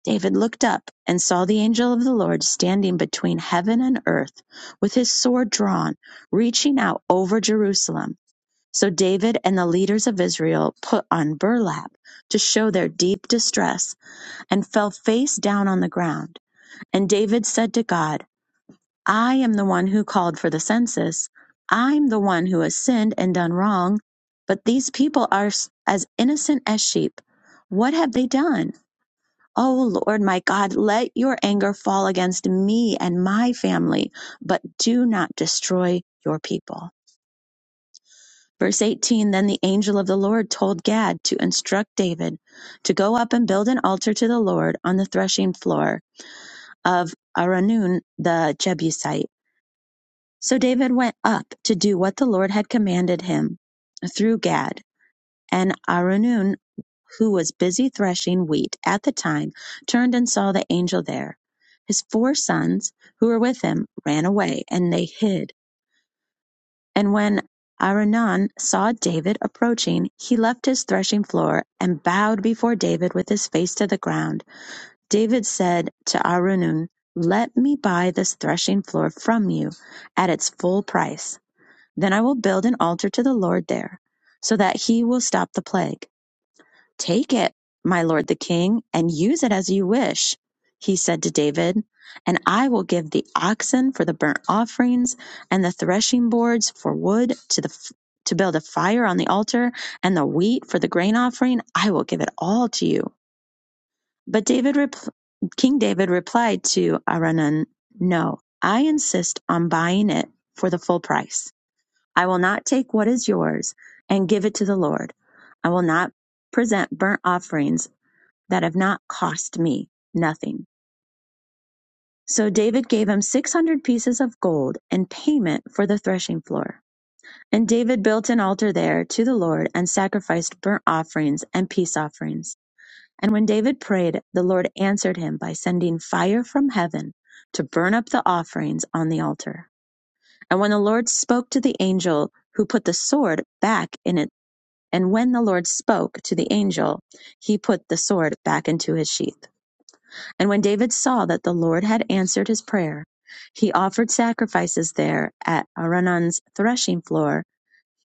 Speaker 8: David looked up and saw the angel of the Lord standing between heaven and earth with his sword drawn, reaching out over Jerusalem. So David and the leaders of Israel put on burlap to show their deep distress and fell face down on the ground. And David said to God, I am the one who called for the census. I'm the one who has sinned and done wrong. But these people are as innocent as sheep. What have they done? O Lord my God, let your anger fall against me and my family, but do not destroy your people. Verse 18 Then the angel of the Lord told Gad to instruct David to go up and build an altar to the Lord on the threshing floor of Aranun the Jebusite. So David went up to do what the Lord had commanded him through Gad. And Araunah, who was busy threshing wheat at the time, turned and saw the angel there. His four sons, who were with him, ran away, and they hid. And when Araunah saw David approaching, he left his threshing floor and bowed before David with his face to the ground. David said to Araunah, Let me buy this threshing floor from you at its full price. Then I will build an altar to the Lord there, so that he will stop the plague. Take it, my lord the king, and use it as you wish, he said to David, and I will give the oxen for the burnt offerings and the threshing boards for wood to the f- to build a fire on the altar and the wheat for the grain offering. I will give it all to you. But David, repl King David replied to Aranan, No, I insist on buying it for the full price. I will not take what is yours and give it to the Lord. I will not present burnt offerings that have not cost me nothing. So David gave him 600 pieces of gold in payment for the threshing floor. And David built an altar there to the Lord and sacrificed burnt offerings and peace offerings. And when David prayed, the Lord answered him by sending fire from heaven to burn up the offerings on the altar. And when the Lord spoke to the angel who put the sword back in it, and when the Lord spoke to the angel, he put the sword back into his sheath. And when David saw that the Lord had answered his prayer, he offered sacrifices there at Araunan's threshing floor.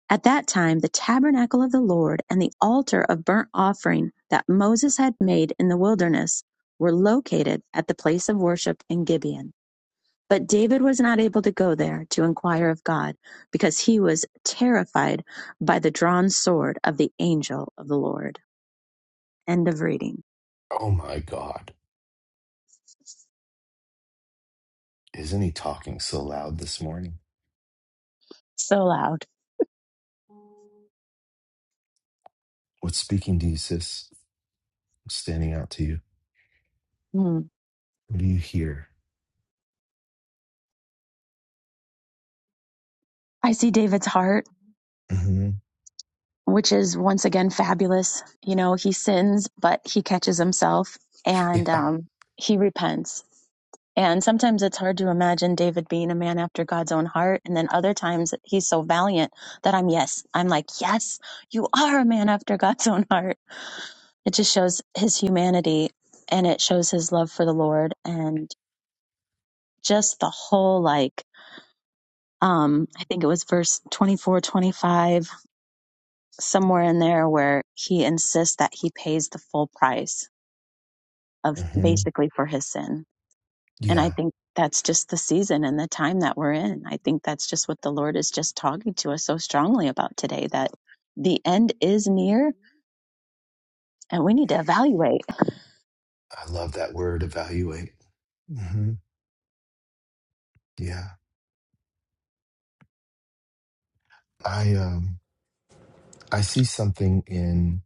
Speaker 8: At that time, the tabernacle of the Lord and the altar of burnt offering that Moses had made in the wilderness were located at the place of worship in Gibeon. But David was not able to go there to inquire of God because he was terrified by the drawn sword of the angel of the Lord. End of reading.
Speaker 1: Oh my God. Isn't he talking so loud this morning?
Speaker 8: So loud.
Speaker 1: What's speaking to you, sis? What's standing out to you?
Speaker 8: Hmm.
Speaker 1: What do you hear?
Speaker 8: I see David's heart
Speaker 1: hmm
Speaker 8: which is once again fabulous. You know, he sins, but he catches himself
Speaker 1: Yeah.
Speaker 8: and um, he repents. And sometimes it's hard to imagine David being a man after God's own heart. And then other times he's so valiant that I'm, yes, I'm like, yes, you are a man after God's own heart. It just shows his humanity and it shows his love for the Lord and just the whole, like, um, I think it was verse 24 25. somewhere in there where he insists that he pays the full price of
Speaker 1: hmm
Speaker 8: basically for his sin. And I
Speaker 1: Yeah.
Speaker 8: think that's just the season and the time that we're in. I think that's just what the Lord is just talking to us so strongly about today that the end is near and we need to evaluate.
Speaker 1: I love that word evaluate. hmm Yeah. I um I see something in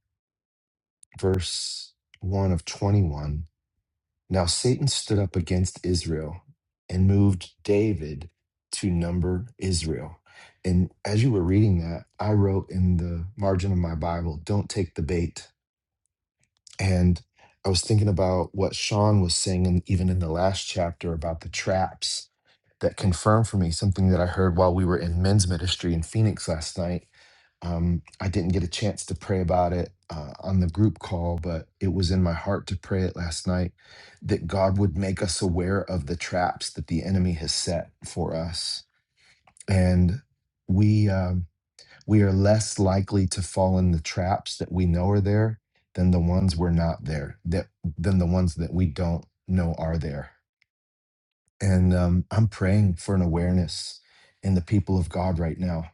Speaker 1: verse one of twenty one. Now Satan stood up against Israel and moved David to number Israel. And as you were reading that, I wrote in the margin of my Bible, don't take the bait And I was thinking about what Sean was saying, and even in the last chapter about the traps that confirmed for me something that I heard while we were in men's ministry in Phoenix last night. Um, I didn't get a chance to pray about it uh, on the group call, but it was in my heart to pray it last night that God would make us aware of the traps that the enemy has set for us. And we, um, we are less likely to fall in the traps that we know are there than the ones we're not there that than the ones that we don't know are there and um, i'm praying for an awareness in the people of god right now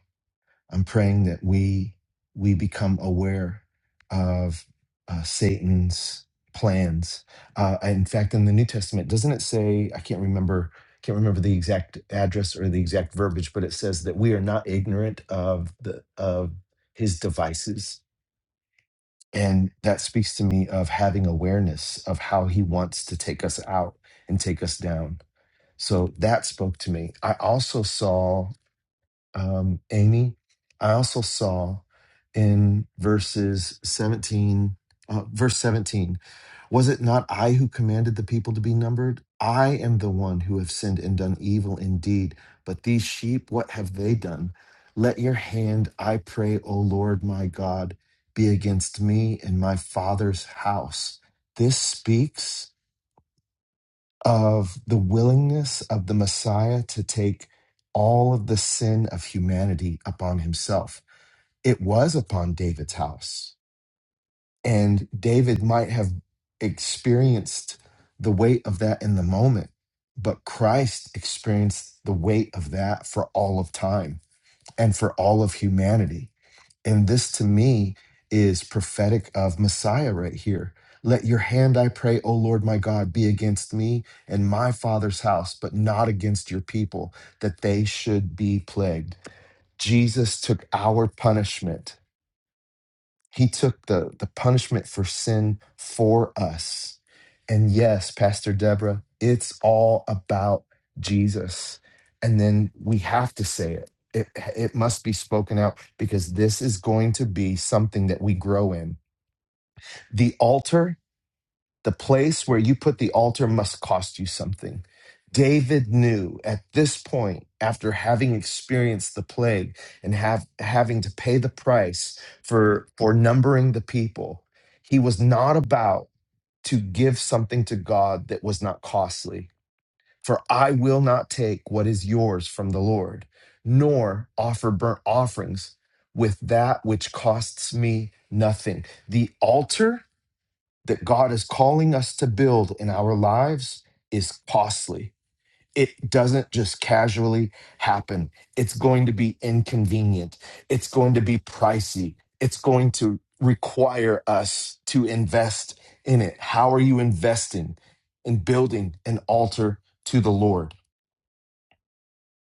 Speaker 1: I'm praying that we we become aware of uh, Satan's plans. Uh, in fact, in the New Testament, doesn't it say? I can't remember. Can't remember the exact address or the exact verbiage, but it says that we are not ignorant of the of his devices, and that speaks to me of having awareness of how he wants to take us out and take us down. So that spoke to me. I also saw um, Amy. I also saw in verses 17, uh, verse 17, was it not I who commanded the people to be numbered? I am the one who have sinned and done evil indeed. But these sheep, what have they done? Let your hand, I pray, O Lord my God, be against me and my father's house. This speaks of the willingness of the Messiah to take all of the sin of humanity upon himself. It was upon David's house. And David might have experienced the weight of that in the moment, but Christ experienced the weight of that for all of time and for all of humanity. And this to me is prophetic of Messiah right here. Let your hand, I pray, O Lord my God, be against me and my father's house, but not against your people, that they should be plagued. Jesus took our punishment he took the, the punishment for sin for us. And yes, Pastor Deborah, it's all about Jesus. And then we have to say it. It, it must be spoken out because this is going to be something that we grow in. The altar the place where you put the altar must cost you something. David knew at this point, after having experienced the plague and have, having to pay the price for, for numbering the people, he was not about to give something to God that was not costly. For I will not take what is yours from the Lord, nor offer burnt offerings with that which costs me nothing. The altar that God is calling us to build in our lives is costly. It doesn't just casually happen. It's going to be inconvenient. It's going to be pricey. It's going to require us to invest in it. How are you investing in building an altar to the Lord?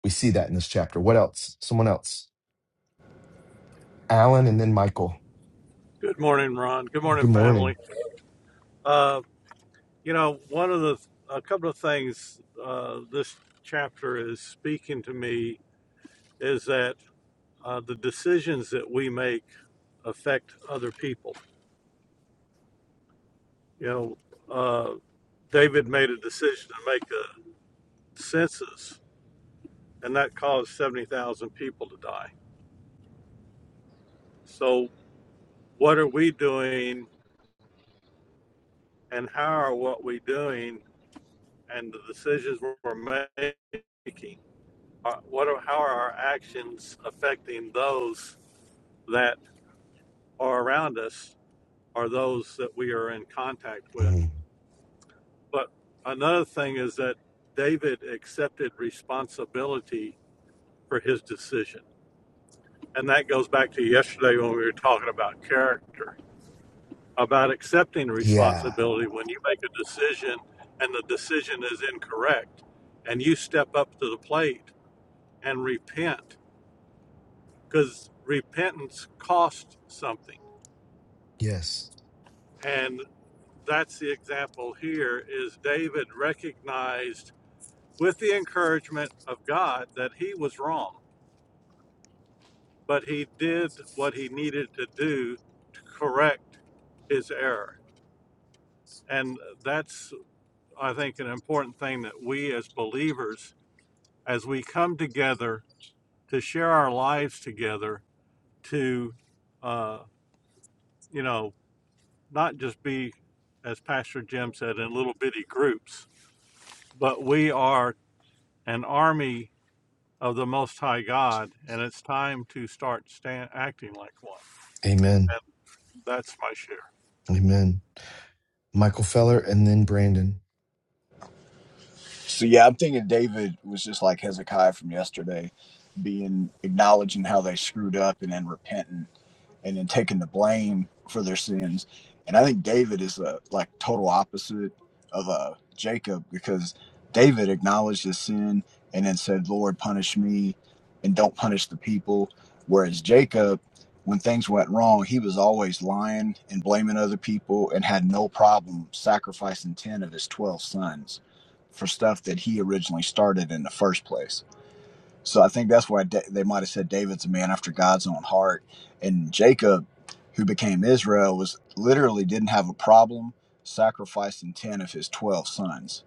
Speaker 1: We see that in this chapter. What else? Someone else. Alan and then Michael.
Speaker 12: Good morning, Ron. Good morning,
Speaker 1: Good
Speaker 12: family.
Speaker 1: morning.
Speaker 12: Uh, you know, one of the a couple of things uh, this chapter is speaking to me is that uh, the decisions that we make affect other people. You know, uh, David made a decision to make a census, and that caused seventy thousand people to die. So, what are we doing, and how are what we doing, and the decisions we're making? are- what are how are our actions affecting those that are around us or those that we are in contact with
Speaker 1: Mhm.
Speaker 12: but another thing is that david accepted responsibility for his decision and that goes back to yesterday when we were talking about character about accepting
Speaker 1: Yeah.
Speaker 12: responsibility when you make a decision and the decision is incorrect and you step up to the plate and repent because repentance costs something
Speaker 1: Yes.
Speaker 12: And that's the example here is David recognized with the encouragement of God that he was wrong, but he did what he needed to do to correct his error. And that's I think an important thing that we as believers as we come together to share our lives together to uh, you know not just be as pastor jim said in little bitty groups but we are an army of the Most High God, and it's time to start stand, acting like one.
Speaker 1: Amen.
Speaker 12: And that's my share.
Speaker 1: Amen. Michael Feller, and then Brandon.
Speaker 13: So yeah, I'm thinking David was just like Hezekiah from yesterday, being acknowledging how they screwed up and then repenting and then taking the blame for their sins. And I think David is a like total opposite of uh, Jacob because David acknowledged his sin and then said, "Lord, punish me, and don't punish the people." Whereas Jacob, when things went wrong, he was always lying and blaming other people, and had no problem sacrificing ten of his twelve sons for stuff that he originally started in the first place. So I think that's why they might have said David's a man after God's own heart. And Jacob, who became Israel, was literally didn't have a problem sacrificing 10 of his 12 sons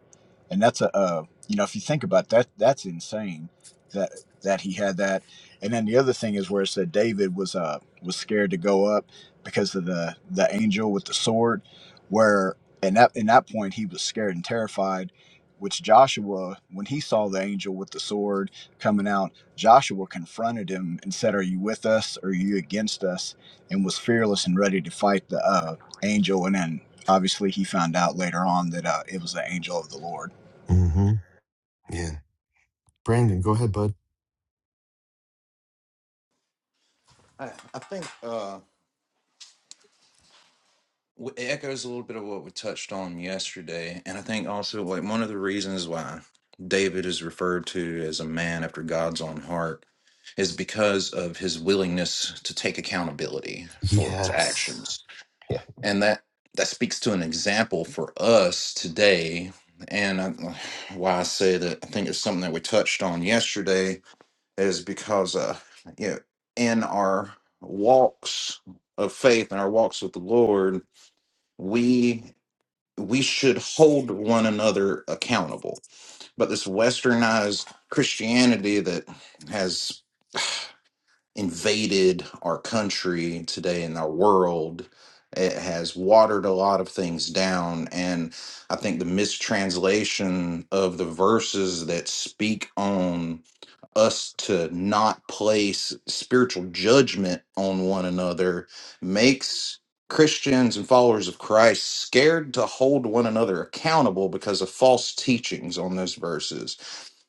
Speaker 13: and that's a uh, you know if you think about that that's insane that that he had that and then the other thing is where it said david was uh was scared to go up because of the the angel with the sword where and that in that point he was scared and terrified which joshua when he saw the angel with the sword coming out joshua confronted him and said are you with us or are you against us and was fearless and ready to fight the uh, angel and then obviously he found out later on that uh, it was the angel of the lord
Speaker 1: Mm-hmm. Yeah. Brandon, go ahead, bud.
Speaker 3: I, I think. Uh, w- it echoes a little bit of what we touched on yesterday and i think also like one of the reasons why david is referred to as a man after god's own heart is because of his willingness to take accountability for his
Speaker 1: Yes.
Speaker 3: actions
Speaker 1: Yeah.
Speaker 3: and that that speaks to an example for us today and I, why i say that i think it's something that we touched on yesterday is because uh you know in our walks of faith and our walks with the lord we we should hold one another accountable. But this westernized Christianity that has invaded our country today and our world. It has watered a lot of things down. And I think the mistranslation of the verses that speak on us to not place spiritual judgment on one another makes Christians and followers of Christ scared to hold one another accountable because of false teachings on those verses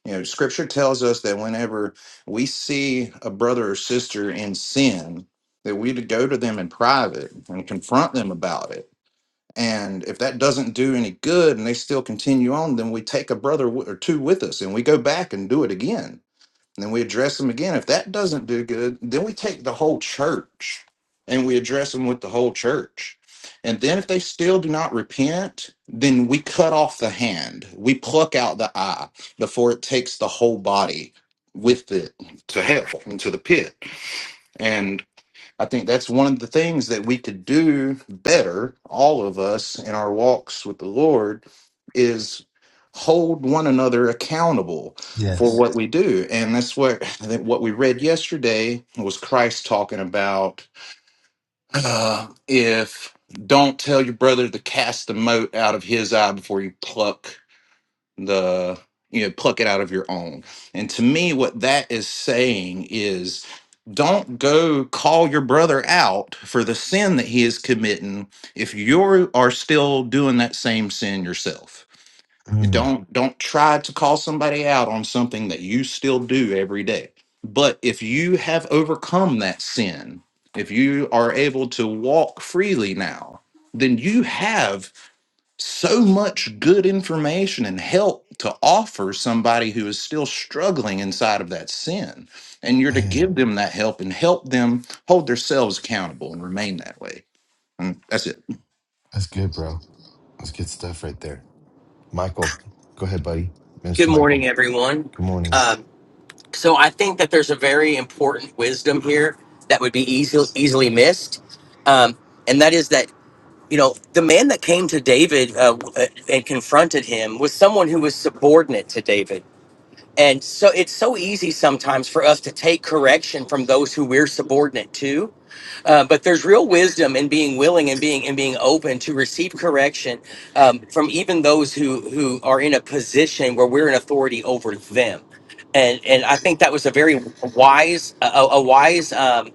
Speaker 3: you know, scripture tells us that whenever we see a brother or sister in sin, that we to go to them in private and confront them about it. And if that doesn't do any good and they still continue on, then we take a brother w- or two with us and we go back and do it again and then we address them again. If that doesn't do good, then we take the whole church and we address them with the whole church. And then if they still do not repent, then we cut off the hand. We pluck out the eye before it takes the whole body with it to hell, into the pit. And. I think that's one of the things that we could do better, all of us in our walks with the Lord, is hold one another accountable for
Speaker 1: Yes.
Speaker 3: what we do. And that's what I think what we read yesterday was Christ talking about uh, if don't tell your brother to cast the mote out of his eye before you pluck the you know pluck it out of your own and to me what that is saying is don't go call your brother out for the sin that he is committing if you are still doing that same sin yourself You
Speaker 1: Mm,
Speaker 3: don't don't try to call somebody out on something that you still do every day but if you have overcome that sin if you are able to walk freely now then you have so much good information and help to offer somebody who is still struggling inside of that sin. And you're to give
Speaker 1: man,
Speaker 3: them that help and help them hold themselves accountable and remain that way. And that's it.
Speaker 1: that's good, bro. That's good stuff right there. Michael, go ahead, buddy.
Speaker 14: Good
Speaker 1: Mr. Michael,
Speaker 14: morning, everyone.
Speaker 1: good morning.
Speaker 14: Um, so I think that there's a very important wisdom here that would be easy, easily missed, um, and that is that you know the man that came to David uh, and confronted him was someone who was subordinate to David. And so it's so easy sometimes for us to take correction from those who we're subordinate to. Uh, but there's real wisdom in being willing and being and being open to receive correction um, from even those who who are in a position where we're in authority over them. And and I think that was a very wise a, a a wise um,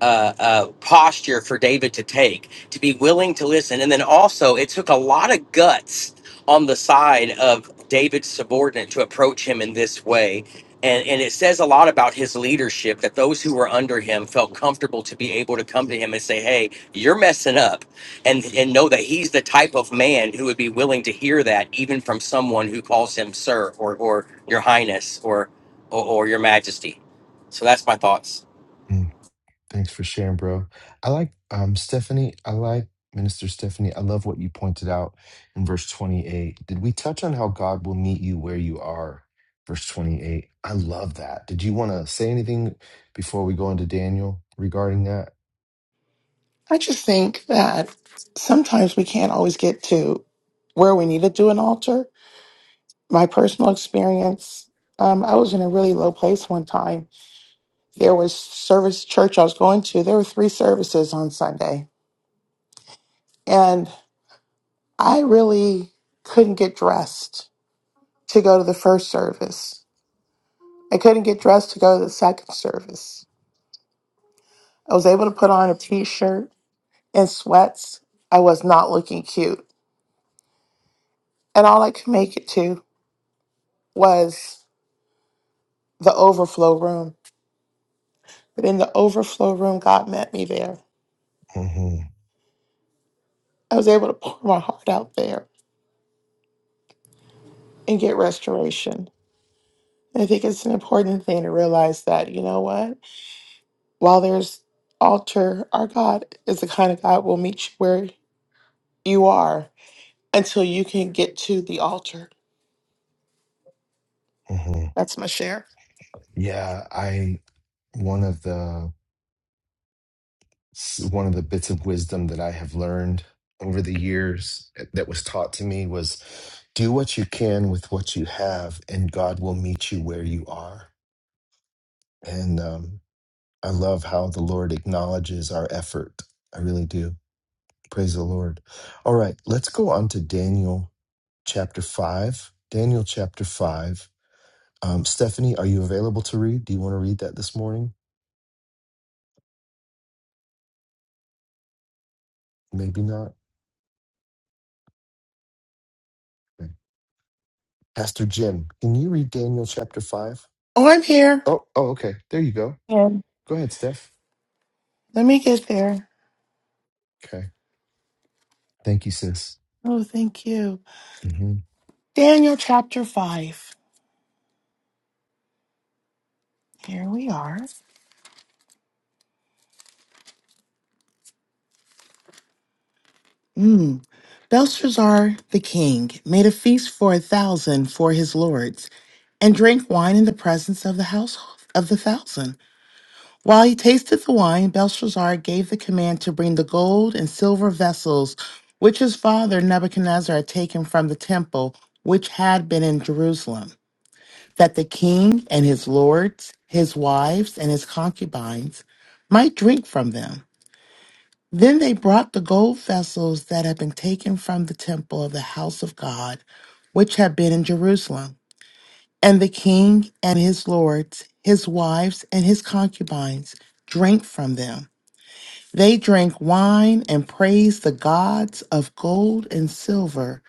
Speaker 14: uh, uh, posture for David to take, to be willing to listen. And then also, it took a lot of guts on the side of David's subordinate to approach him in this way. And, and it says a lot about his leadership that those who were under him felt comfortable to be able to come to him and say, Hey, you're messing up. And, and know that he's the type of man who would be willing to hear that, even from someone who calls him sir or, or your highness or, or, or your majesty. So that's my thoughts.
Speaker 1: Mm. Thanks for sharing, bro. I like um Stephanie, I like Minister Stephanie. I love what you pointed out in verse 28. Did we touch on how God will meet you where you are? Verse 28. I love that. Did you want to say anything before we go into Daniel regarding that?
Speaker 15: I just think that sometimes we can't always get to where we need to do an altar. My personal experience, um, I was in a really low place one time. There was service church I was going to. There were three services on Sunday, and I really couldn't get dressed to go to the first service. I couldn't get dressed to go to the second service. I was able to put on a t-shirt and sweats. I was not looking cute, and all I could make it to was. the overflow room. But in the overflow room, God met me there.
Speaker 1: hmm
Speaker 15: I was able to pour my heart out there and get restoration. And I think it's an important thing to realize that, you know what? While there's altar, our God is the kind of God will meet you where you are until you can get to the altar.
Speaker 1: hmm
Speaker 15: That's my share.
Speaker 1: Yeah, I one of the s- one of the bits of wisdom that I have learned over the years that was taught to me was do what you can with what you have, and God will meet you where you are. And um, I love how the Lord acknowledges our effort. I really do. Praise the Lord. All right, let's go on to Daniel chapter 5. Daniel chapter 5. Um, Stephanie, are you available to read? Do you want to read that this morning? Maybe not. Okay. Pastor Jim, can you read Daniel chapter 5?
Speaker 15: Oh, I'm here.
Speaker 1: Oh, oh, okay. There you go.
Speaker 15: Yeah.
Speaker 1: Go ahead, Steph.
Speaker 15: Let me get there.
Speaker 1: Okay. Thank you, sis.
Speaker 15: Oh, thank you.
Speaker 1: hmm
Speaker 15: Daniel chapter 5. Here we are. Mm. Belshazzar the king made a feast for a thousand for his lords and drank wine in the presence of the house of the thousand. While he tasted the wine, Belshazzar gave the command to bring the gold and silver vessels which his father Nebuchadnezzar had taken from the temple which had been in Jerusalem. that the king and his lords, his wives, and his concubines might drink from them. Then they brought the gold vessels that had been taken from the temple of the house of God, which had been in Jerusalem. And the king and his lords, his wives, and his concubines drank from them. They drank wine and praised the gods of gold and silver,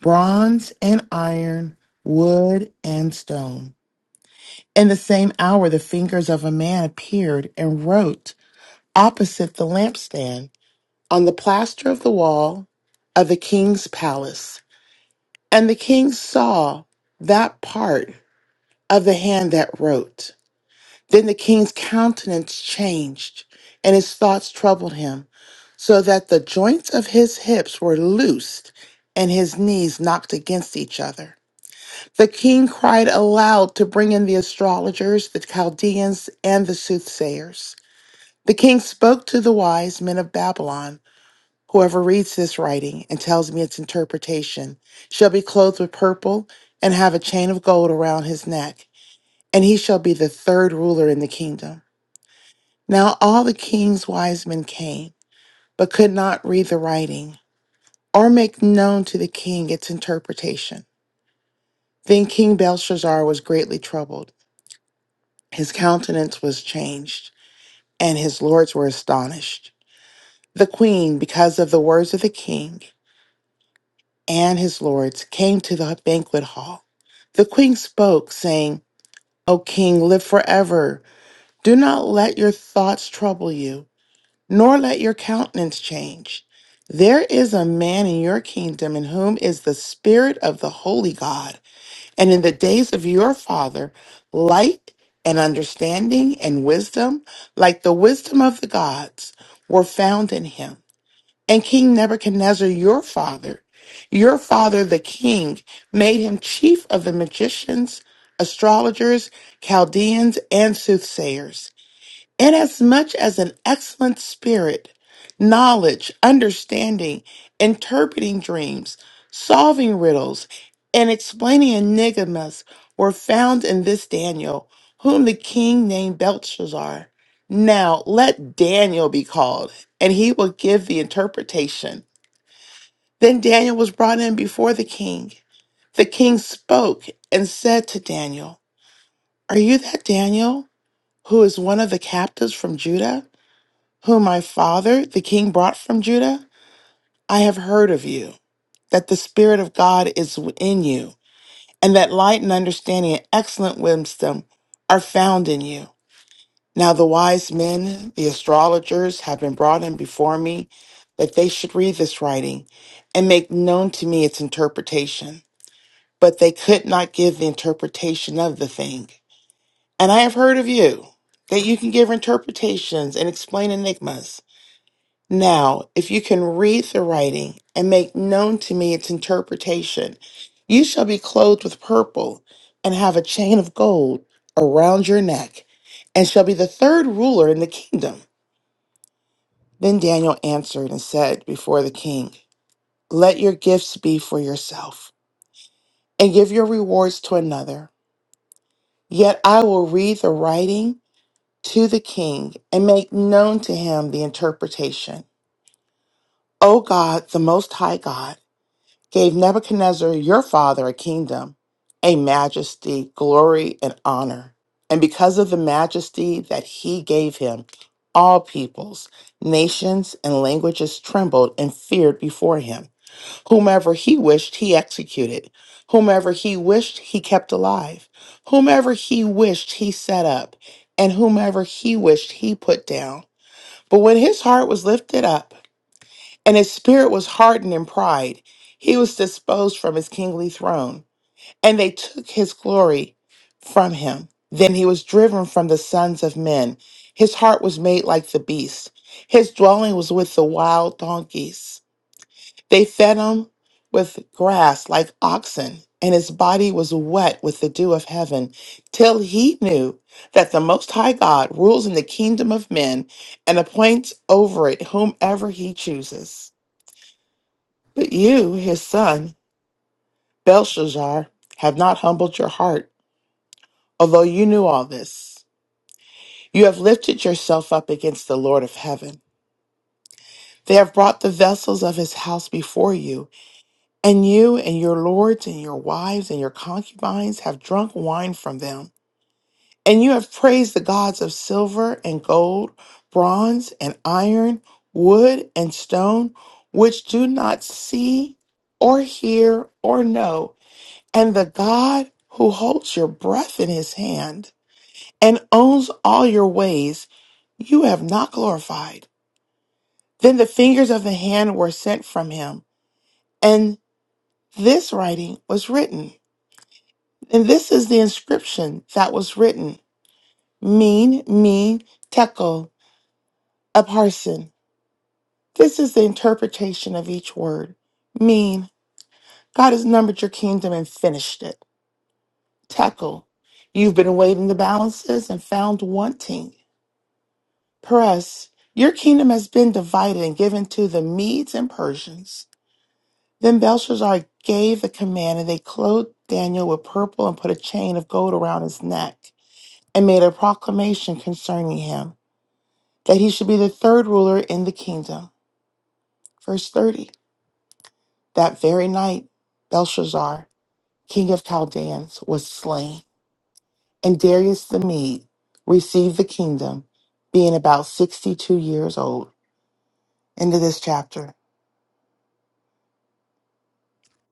Speaker 15: bronze and iron, wood and stone. In the same hour, the fingers of a man appeared and wrote opposite the lampstand on the plaster of the wall of the king's palace. And the king saw that part of the hand that wrote. Then the king's countenance changed, and his thoughts troubled him, so that the joints of his hips were loosed and his knees knocked against each other. The king cried aloud to bring in the astrologers, the Chaldeans, and the soothsayers. The king spoke to the wise men of Babylon. Whoever reads this writing and tells me its interpretation shall be clothed with purple and have a chain of gold around his neck, and he shall be the third ruler in the kingdom. Now all the king's wise men came, but could not read the writing or make known to the king its interpretation. Then King Belshazzar was greatly troubled. His countenance was changed, and his lords were astonished. The queen, because of the words of the king and his lords, came to the banquet hall. The queen spoke, saying, O king, live forever. Do not let your thoughts trouble you, nor let your countenance change. There is a man in your kingdom in whom is the spirit of the holy God. And in the days of your father, light and understanding and wisdom, like the wisdom of the gods, were found in him. And King Nebuchadnezzar, your father, your father, the king, made him chief of the magicians, astrologers, Chaldeans, and soothsayers. Inasmuch as an excellent spirit, knowledge, understanding, interpreting dreams, solving riddles, and explaining enigmas were found in this Daniel, whom the king named Belshazzar. Now let Daniel be called, and he will give the interpretation. Then Daniel was brought in before the king. The king spoke and said to Daniel, Are you that Daniel, who is one of the captives from Judah? whom my father, the king, brought from Judah, I have heard of you, that the Spirit of God is in you, and that light and understanding and excellent wisdom are found in you. Now the wise men, the astrologers, have been brought in before me, that they should read this writing and make known to me its interpretation. But they could not give the interpretation of the thing. And I have heard of you, that you can give interpretations and explain enigmas. Now, if you can read the writing and make known to me its interpretation, you shall be clothed with purple and have a chain of gold around your neck and shall be the third ruler in the kingdom. Then Daniel answered and said before the king, Let your gifts be for yourself and give your rewards to another. Yet I will read the writing to the king and make known to him the interpretation. O God, the Most High God, gave Nebuchadnezzar your father a kingdom, a majesty, glory, and honor. And because of the majesty that he gave him, all peoples, nations, and languages trembled and feared before him. Whomever he wished, he executed. Whomever he wished, he kept alive. Whomever he wished, he set up. And whomever he wished, he put down. But when his heart was lifted up, and his spirit was hardened in pride. He was disposed from his kingly throne, and they took his glory from him. Then he was driven from the sons of men. His heart was made like the beast. His dwelling was with the wild donkeys. They fed him with grass like oxen, and his body was wet with the dew of heaven, till he knew that the Most High God rules in the kingdom of men and appoints over it whomever he chooses. But you, his son, Belshazzar, have not humbled your heart, although you knew all this. You have lifted yourself up against the Lord of heaven. They have brought the vessels of his house before you, and you and your lords and your wives and your concubines have drunk wine from them. And you have praised the gods of silver and gold, bronze and iron, wood and stone, which do not see or hear or know And the God who holds your breath in his hand and owns all your ways, you have not glorified. Then the fingers of the hand were sent from him, and this writing was written. And this is the inscription that was written Mean, mean, tekel, a parson. This is the interpretation of each word. Mean, God has numbered your kingdom and finished it. Tekel, you've been weighed in the balances and found wanting. Press, your kingdom has been divided and given to the Medes and Persians. Then Belshazzar gave the command, and they clothed Daniel with purple and put a chain of gold around his neck, and made a proclamation concerning him, that he should be the third ruler in the kingdom. Verse 30. That very night, Belshazzar, king of Chaldeans, was slain, and Darius the Mede received the kingdom, being about 62 years old. End of this chapter.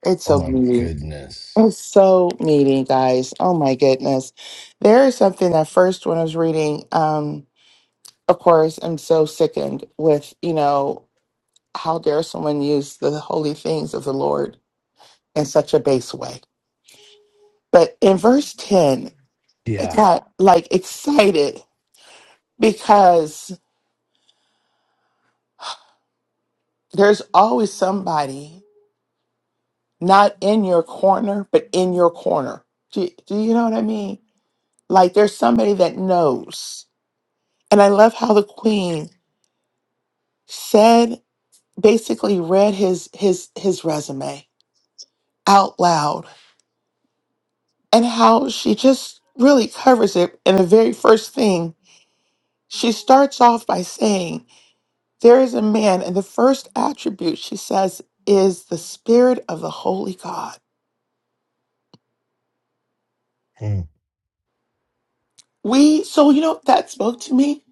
Speaker 15: It's
Speaker 1: Oh
Speaker 15: so
Speaker 1: my
Speaker 15: beautiful.
Speaker 1: goodness.
Speaker 15: It's so meaty, guys. Oh my goodness. There is something that first when I was reading, um, of course, I'm so sickened with, you know, how dare someone use the holy things of the Lord in such a base way. But in verse 10, I
Speaker 1: Yeah.
Speaker 15: got like excited because there's always somebody not in your corner, but in your corner. Do, do you know what I mean? Like there's somebody that knows. And I love how the queen said basically read his his his resume out loud and how she just really covers it and the very first thing she starts off by saying there is a man and the first attribute she says is the spirit of the holy god
Speaker 1: Mm,
Speaker 15: we so you know that spoke to me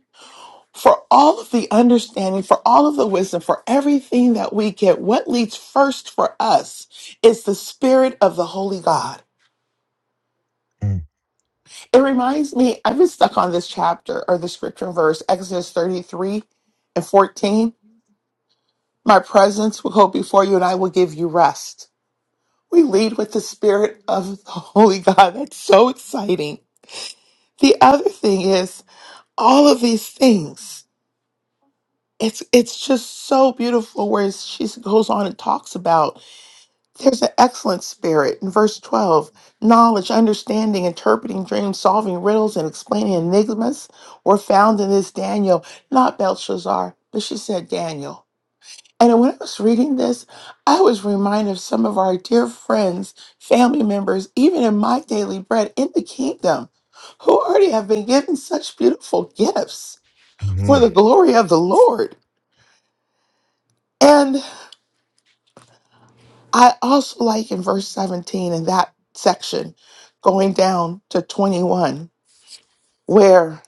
Speaker 15: for all of the understanding for all of the wisdom for everything that we get what leads first for us is the spirit of the holy god
Speaker 1: mm,
Speaker 15: It reminds me, I've been stuck on this chapter or the scripture verse, Exodus 33 and 14. My presence will go before you and I will give you rest. We lead with the spirit of the Holy God. That's so exciting. The other thing is all of these things. It's it's just so beautiful where she goes on and talks about. There's an excellent spirit. In verse 12, knowledge, understanding, interpreting dreams, solving riddles, and explaining enigmas were found in this Daniel, not Belshazzar, but she said Daniel. And when I was reading this, I was reminded of some of our dear friends, family members, even in my daily bread in the kingdom, who already have been given such beautiful gifts for the
Speaker 1: mm,
Speaker 15: glory of the Lord. I also like in verse 17 in that section, going down to 21, where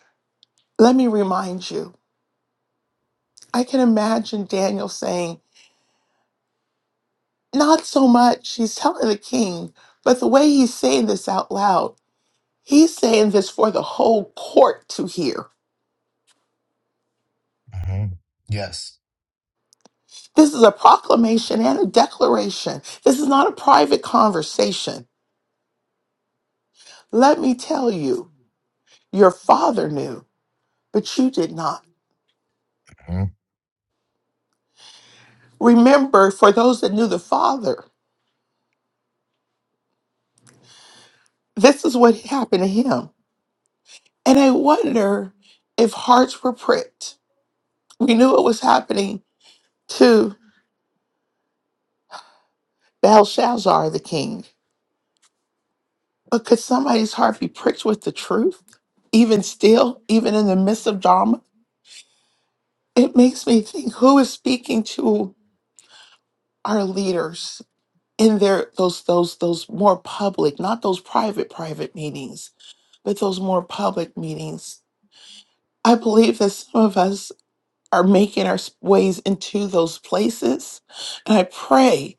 Speaker 15: let me remind you, I can imagine Daniel saying, not so much, he's telling the king, but the way he's saying this out loud, he's saying this for the whole court to hear.
Speaker 1: mm. Yes.
Speaker 15: This is a proclamation and a declaration. This is not a private conversation. Let me tell you, your father knew, but you did not.
Speaker 1: Mm,
Speaker 15: Remember, for those that knew the father, This is what happened to him. And I wonder if hearts were pricked. We knew it was happening to Belshazzar, the king. But could somebody's heart be pricked with the truth? Even still, even in the midst of drama? It makes me think who is speaking to our leaders in their those those those more public, not those private private meetings, but those more public meetings. I believe that some of us are making our ways into those places. And I pray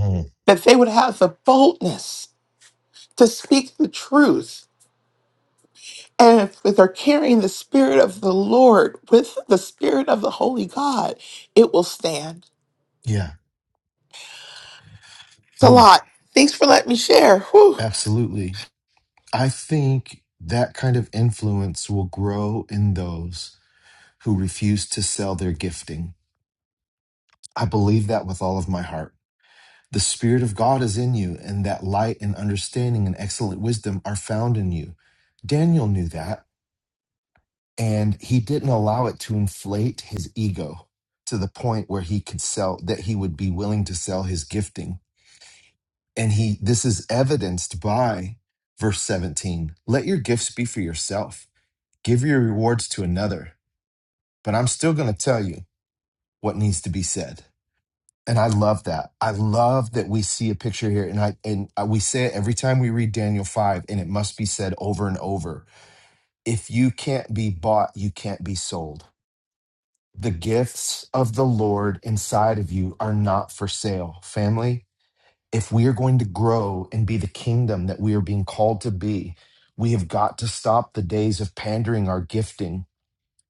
Speaker 1: mm.
Speaker 15: that they would have the boldness to speak the truth. And if they're carrying the Spirit of the Lord with the Spirit of the Holy God, it will stand.
Speaker 1: Yeah.
Speaker 15: It's a
Speaker 1: Mm.
Speaker 15: lot. Thanks for letting me share. Whew.
Speaker 1: Absolutely. I think that kind of influence will grow in those who refuse to sell their gifting. I believe that with all of my heart. The Spirit of God is in you, and that light and understanding and excellent wisdom are found in you. Daniel knew that. and he didn't allow it to inflate his ego to the point where he could sell that he would be willing to sell his gifting and he this is evidenced by verse 17 let your gifts be for yourself give your rewards to another but i'm still going to tell you what needs to be said and i love that i love that we see a picture here and i and I- we say it every time we read daniel 5 and it must be said over and over if you can't be bought you can't be sold The gifts of the Lord inside of you are not for sale. Family, if we are going to grow and be the kingdom that we are being called to be, we have got to stop the days of pandering our gifting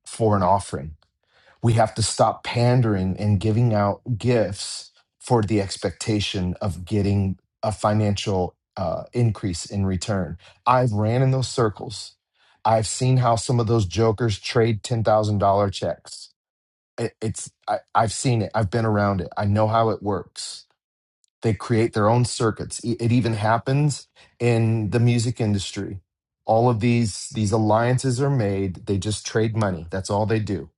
Speaker 1: for an offering. We have to stop pandering and giving out gifts for the expectation of getting a financial uh, increase in return. I've ran in those circles. I've seen how some of those jokers trade $10,000 checks it, it's I, i've seen it i've been around it i know how it works they create their own circuits it, it even happens in the music industry all of these these alliances are made they just trade money that's all they do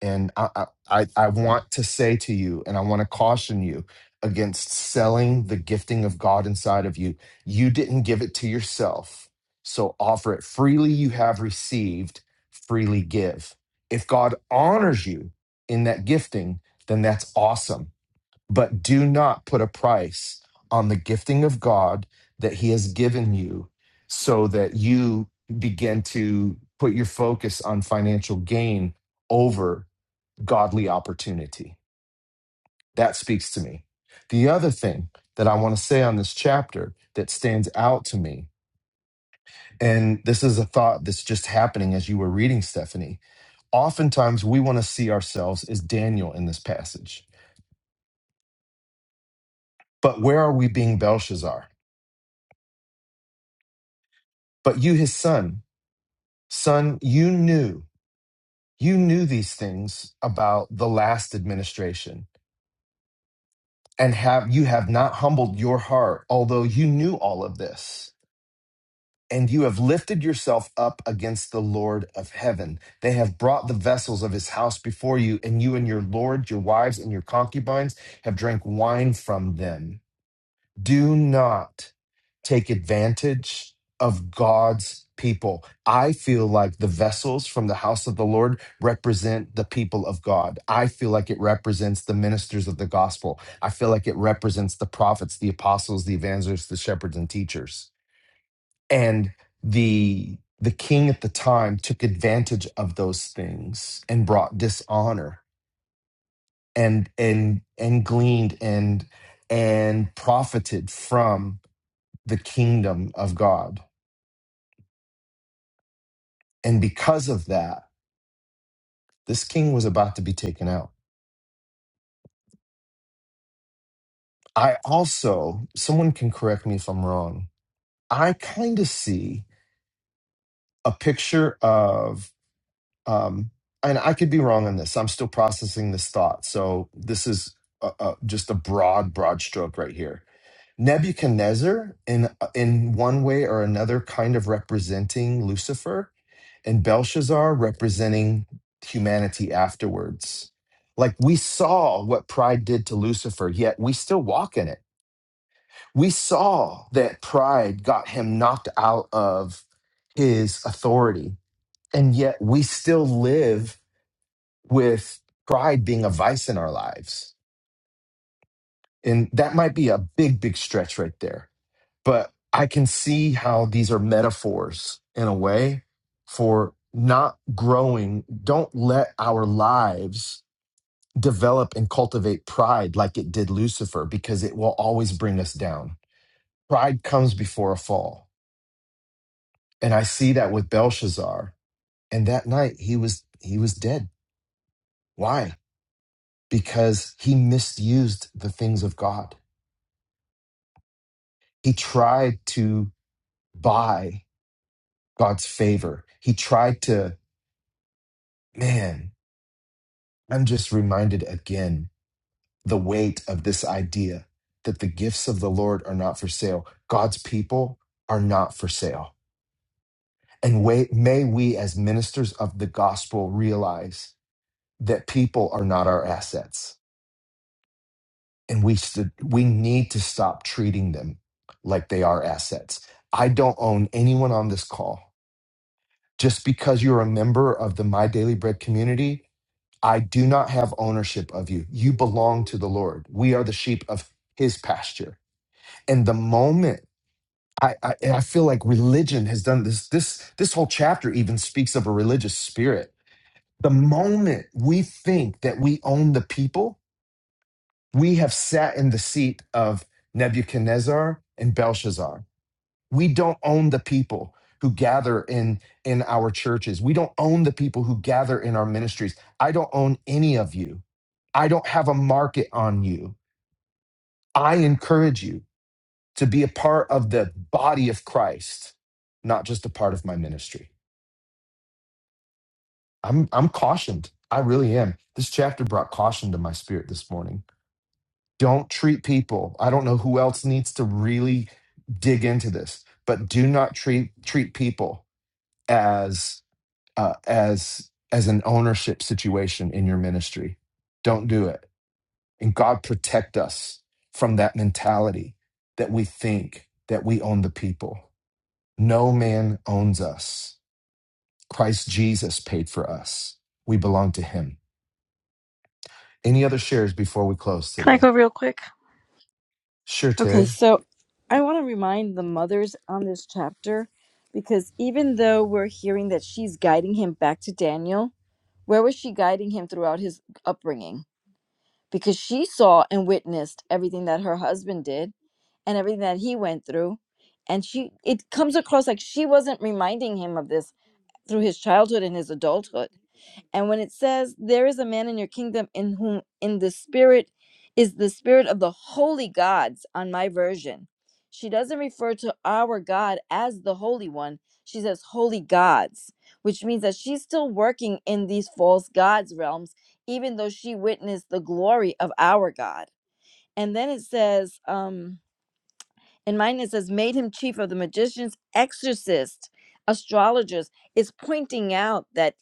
Speaker 1: and I, I, I I want to say to you, and I want to caution you against selling the gifting of God inside of you. You didn't give it to yourself. So offer it freely, you have received, freely give. If God honors you in that gifting, then that's awesome. But do not put a price on the gifting of God that He has given you so that you begin to put your focus on financial gain over godly opportunity. That speaks to me. The other thing that I want to say on this chapter that stands out to me, and this is a thought that's just happening as you were reading, Stephanie. Oftentimes we want to see ourselves as Daniel in this passage, but where are we being Belshazzar? But you, his son, son, you knew, you knew these things about the last administration and have you have not humbled your heart although you knew all of this and you have lifted yourself up against the Lord of heaven. They have brought the vessels of his house before you, and you and your Lord, your wives, and your concubines have drank wine from them. Do not take advantage of God's people. I feel like the vessels from the house of the Lord represent the people of God. I feel like it represents the ministers of the gospel. I feel like it represents the prophets, the apostles, the evangelists, the shepherds, and teachers and the the king at the time took advantage of those things and brought dishonor and and and gleaned and and profited from the kingdom of god and because of that this king was about to be taken out i also someone can correct me if i'm wrong i kind of see a picture of um, and I could be wrong on this. I'm still processing this thought. So this is uh uh just a broad, broad stroke right here. Nebuchadnezzar, in uh, in one way or another, kind of representing Lucifer, and Belshazzar representing humanity afterwards. Like we saw what pride did to Lucifer, yet we still walk in it. We saw that pride got him knocked out of his authority, and yet we still live with pride being a vice in our lives. And that might be a big, big stretch right there. But I can see how these are metaphors in a way for not growing. Don't let our lives develop and cultivate pride like it did Lucifer, because it will always bring us down. Pride comes before a fall. And I see that with Belshazzar. And that night he was he was dead. Why? Because he misused the things of God he tried to buy God's favor. He tried to, man, I'm just reminded again the weight of this idea that the gifts of the Lord are not for sale. God's people are not for sale. And wait, may we, as ministers of the gospel, realize that people are not our assets. And we, st- we need to stop treating them like they are assets. I don't own anyone on this call. just because you're a member of the My Daily Bread community, I do not have ownership of you. You belong to the Lord. We are the sheep of his pasture. And the moment I, I, and I feel like religion has done this, this, this whole chapter even speaks of a religious spirit. The moment we think that we own the people, we have sat in the seat of Nebuchadnezzar and Belshazzar We don't own the people who gather in in our churches. We don't own the people who gather in our ministries. I don't own any of you. I don't have a market on you. I encourage you to be a part of the body of Christ, not just a part of my ministry. I'm I'm cautioned. I really am. This chapter brought caution to my spirit this morning. Don't treat people. I don't know who else needs to really dig into this, but do not treat treat people as uh, as as an ownership situation in your ministry. Don't do it. And God protect us from that mentality that we think that we own the people. No man owns us. Christ Jesus paid for us. We belong to him. Any other shares before we close
Speaker 10: Can I
Speaker 1: today?
Speaker 10: go real quick?
Speaker 1: Sure,
Speaker 10: Okay,
Speaker 1: Terry.
Speaker 10: so I want to remind the mothers on this chapter because even though we're hearing that she's guiding him back to Daniel, where was she guiding him throughout his upbringing? Because she saw and witnessed everything that her husband did and everything that he went through. And she it comes across like she wasn't reminding him of this through his childhood and his adulthood. And when it says, There is a man in your kingdom in whom in the spirit is the spirit of the holy gods on my version, she doesn't refer to our God as the Holy One. She says holy gods, which means that she's still working in these false gods realms, even though she witnessed the glory of our God. And then it says, um, in mine it says, made him chief of the magicians, exorcists, astrologers. It's pointing out that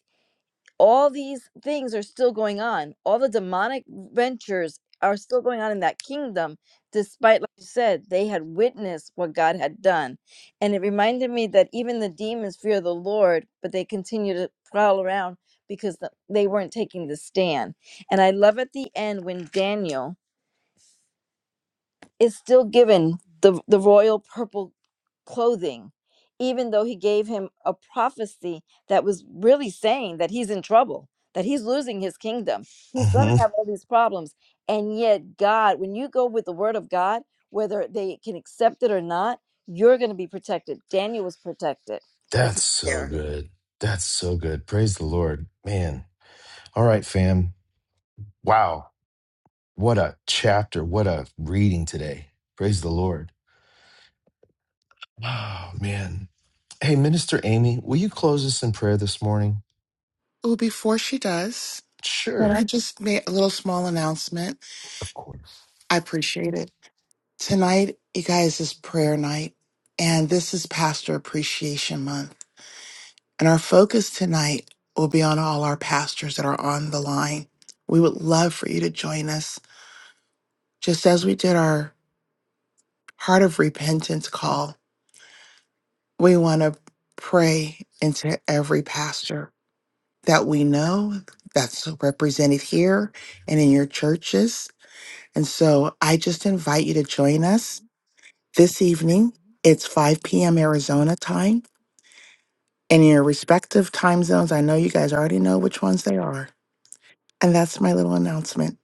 Speaker 10: all these things are still going on. All the demonic ventures are still going on in that kingdom, despite, like you said, they had witnessed what God had done. And it reminded me that even the demons fear the Lord, but they continue to prowl around because the, they weren't taking the stand. And I love at the end when Daniel is still given the, the royal purple clothing, even though he gave him a prophecy that was really saying that he's in trouble, that he's losing his kingdom. He's going to
Speaker 1: hmm
Speaker 10: have all these problems. And yet, God, when you go with the word of God, whether they can accept it or not, you're going to be protected. Daniel was protected. That's
Speaker 1: That's so
Speaker 10: there.
Speaker 1: good. That's so good. Praise the Lord. Man. All right, fam. Wow. What a chapter. What a reading today. Praise the Lord. Oh, man. Hey, Minister Amy, will you close us in prayer this morning?
Speaker 15: Oh, before she does, can
Speaker 1: Sure.
Speaker 15: I just make a little small announcement?
Speaker 1: Of course.
Speaker 15: I appreciate it. Tonight, you guys, is prayer night, and this is Pastor Appreciation Month. And our focus tonight will be on all our pastors that are on the line. We would love for you to join us. Just as we did our Heart of Repentance call, we want to pray into every pastor that we know that's represented here and in your churches. And so I just invite you to join us this evening. It's 5 p.m. Arizona time. in your respective time zones, I know you guys already know which ones they are. And that's my little announcement.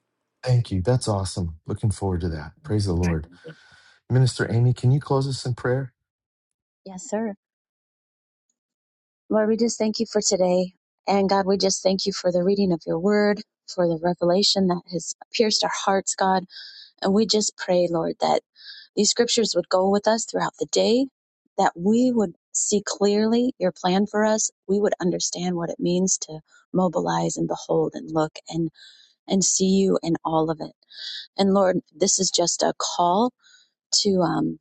Speaker 1: Thank you. That's awesome. Looking forward to that. Praise the Lord. Minister Amy, can you close us in prayer?
Speaker 8: Yes, sir. Lord, we just thank you for today. And God, we just thank you for the reading of your word, for the revelation that has pierced our hearts, God. And we just pray, Lord, that these scriptures would go with us throughout the day, that we would see clearly your plan for us. We would understand what it means to mobilize and behold and look and, and see you in all of it. And Lord, this is just a call to, um,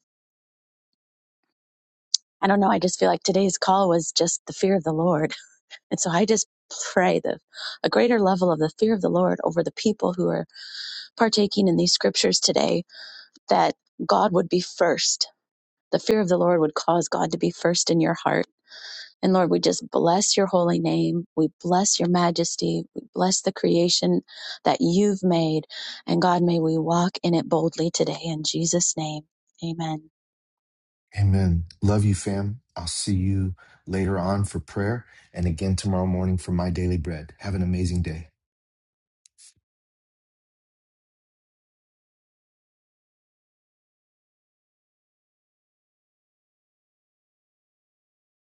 Speaker 8: I don't know. I just feel like today's call was just the fear of the Lord. And so I just pray the, a greater level of the fear of the Lord over the people who are partaking in these scriptures today that God would be first The fear of the Lord would cause God to be first in your heart. And Lord, we just bless your holy name. We bless your majesty. We bless the creation that you've made. And God, may we walk in it boldly today in Jesus' name. Amen.
Speaker 1: Amen. Love you, fam. I'll see you later on for prayer and again tomorrow morning for my daily bread. Have an amazing day.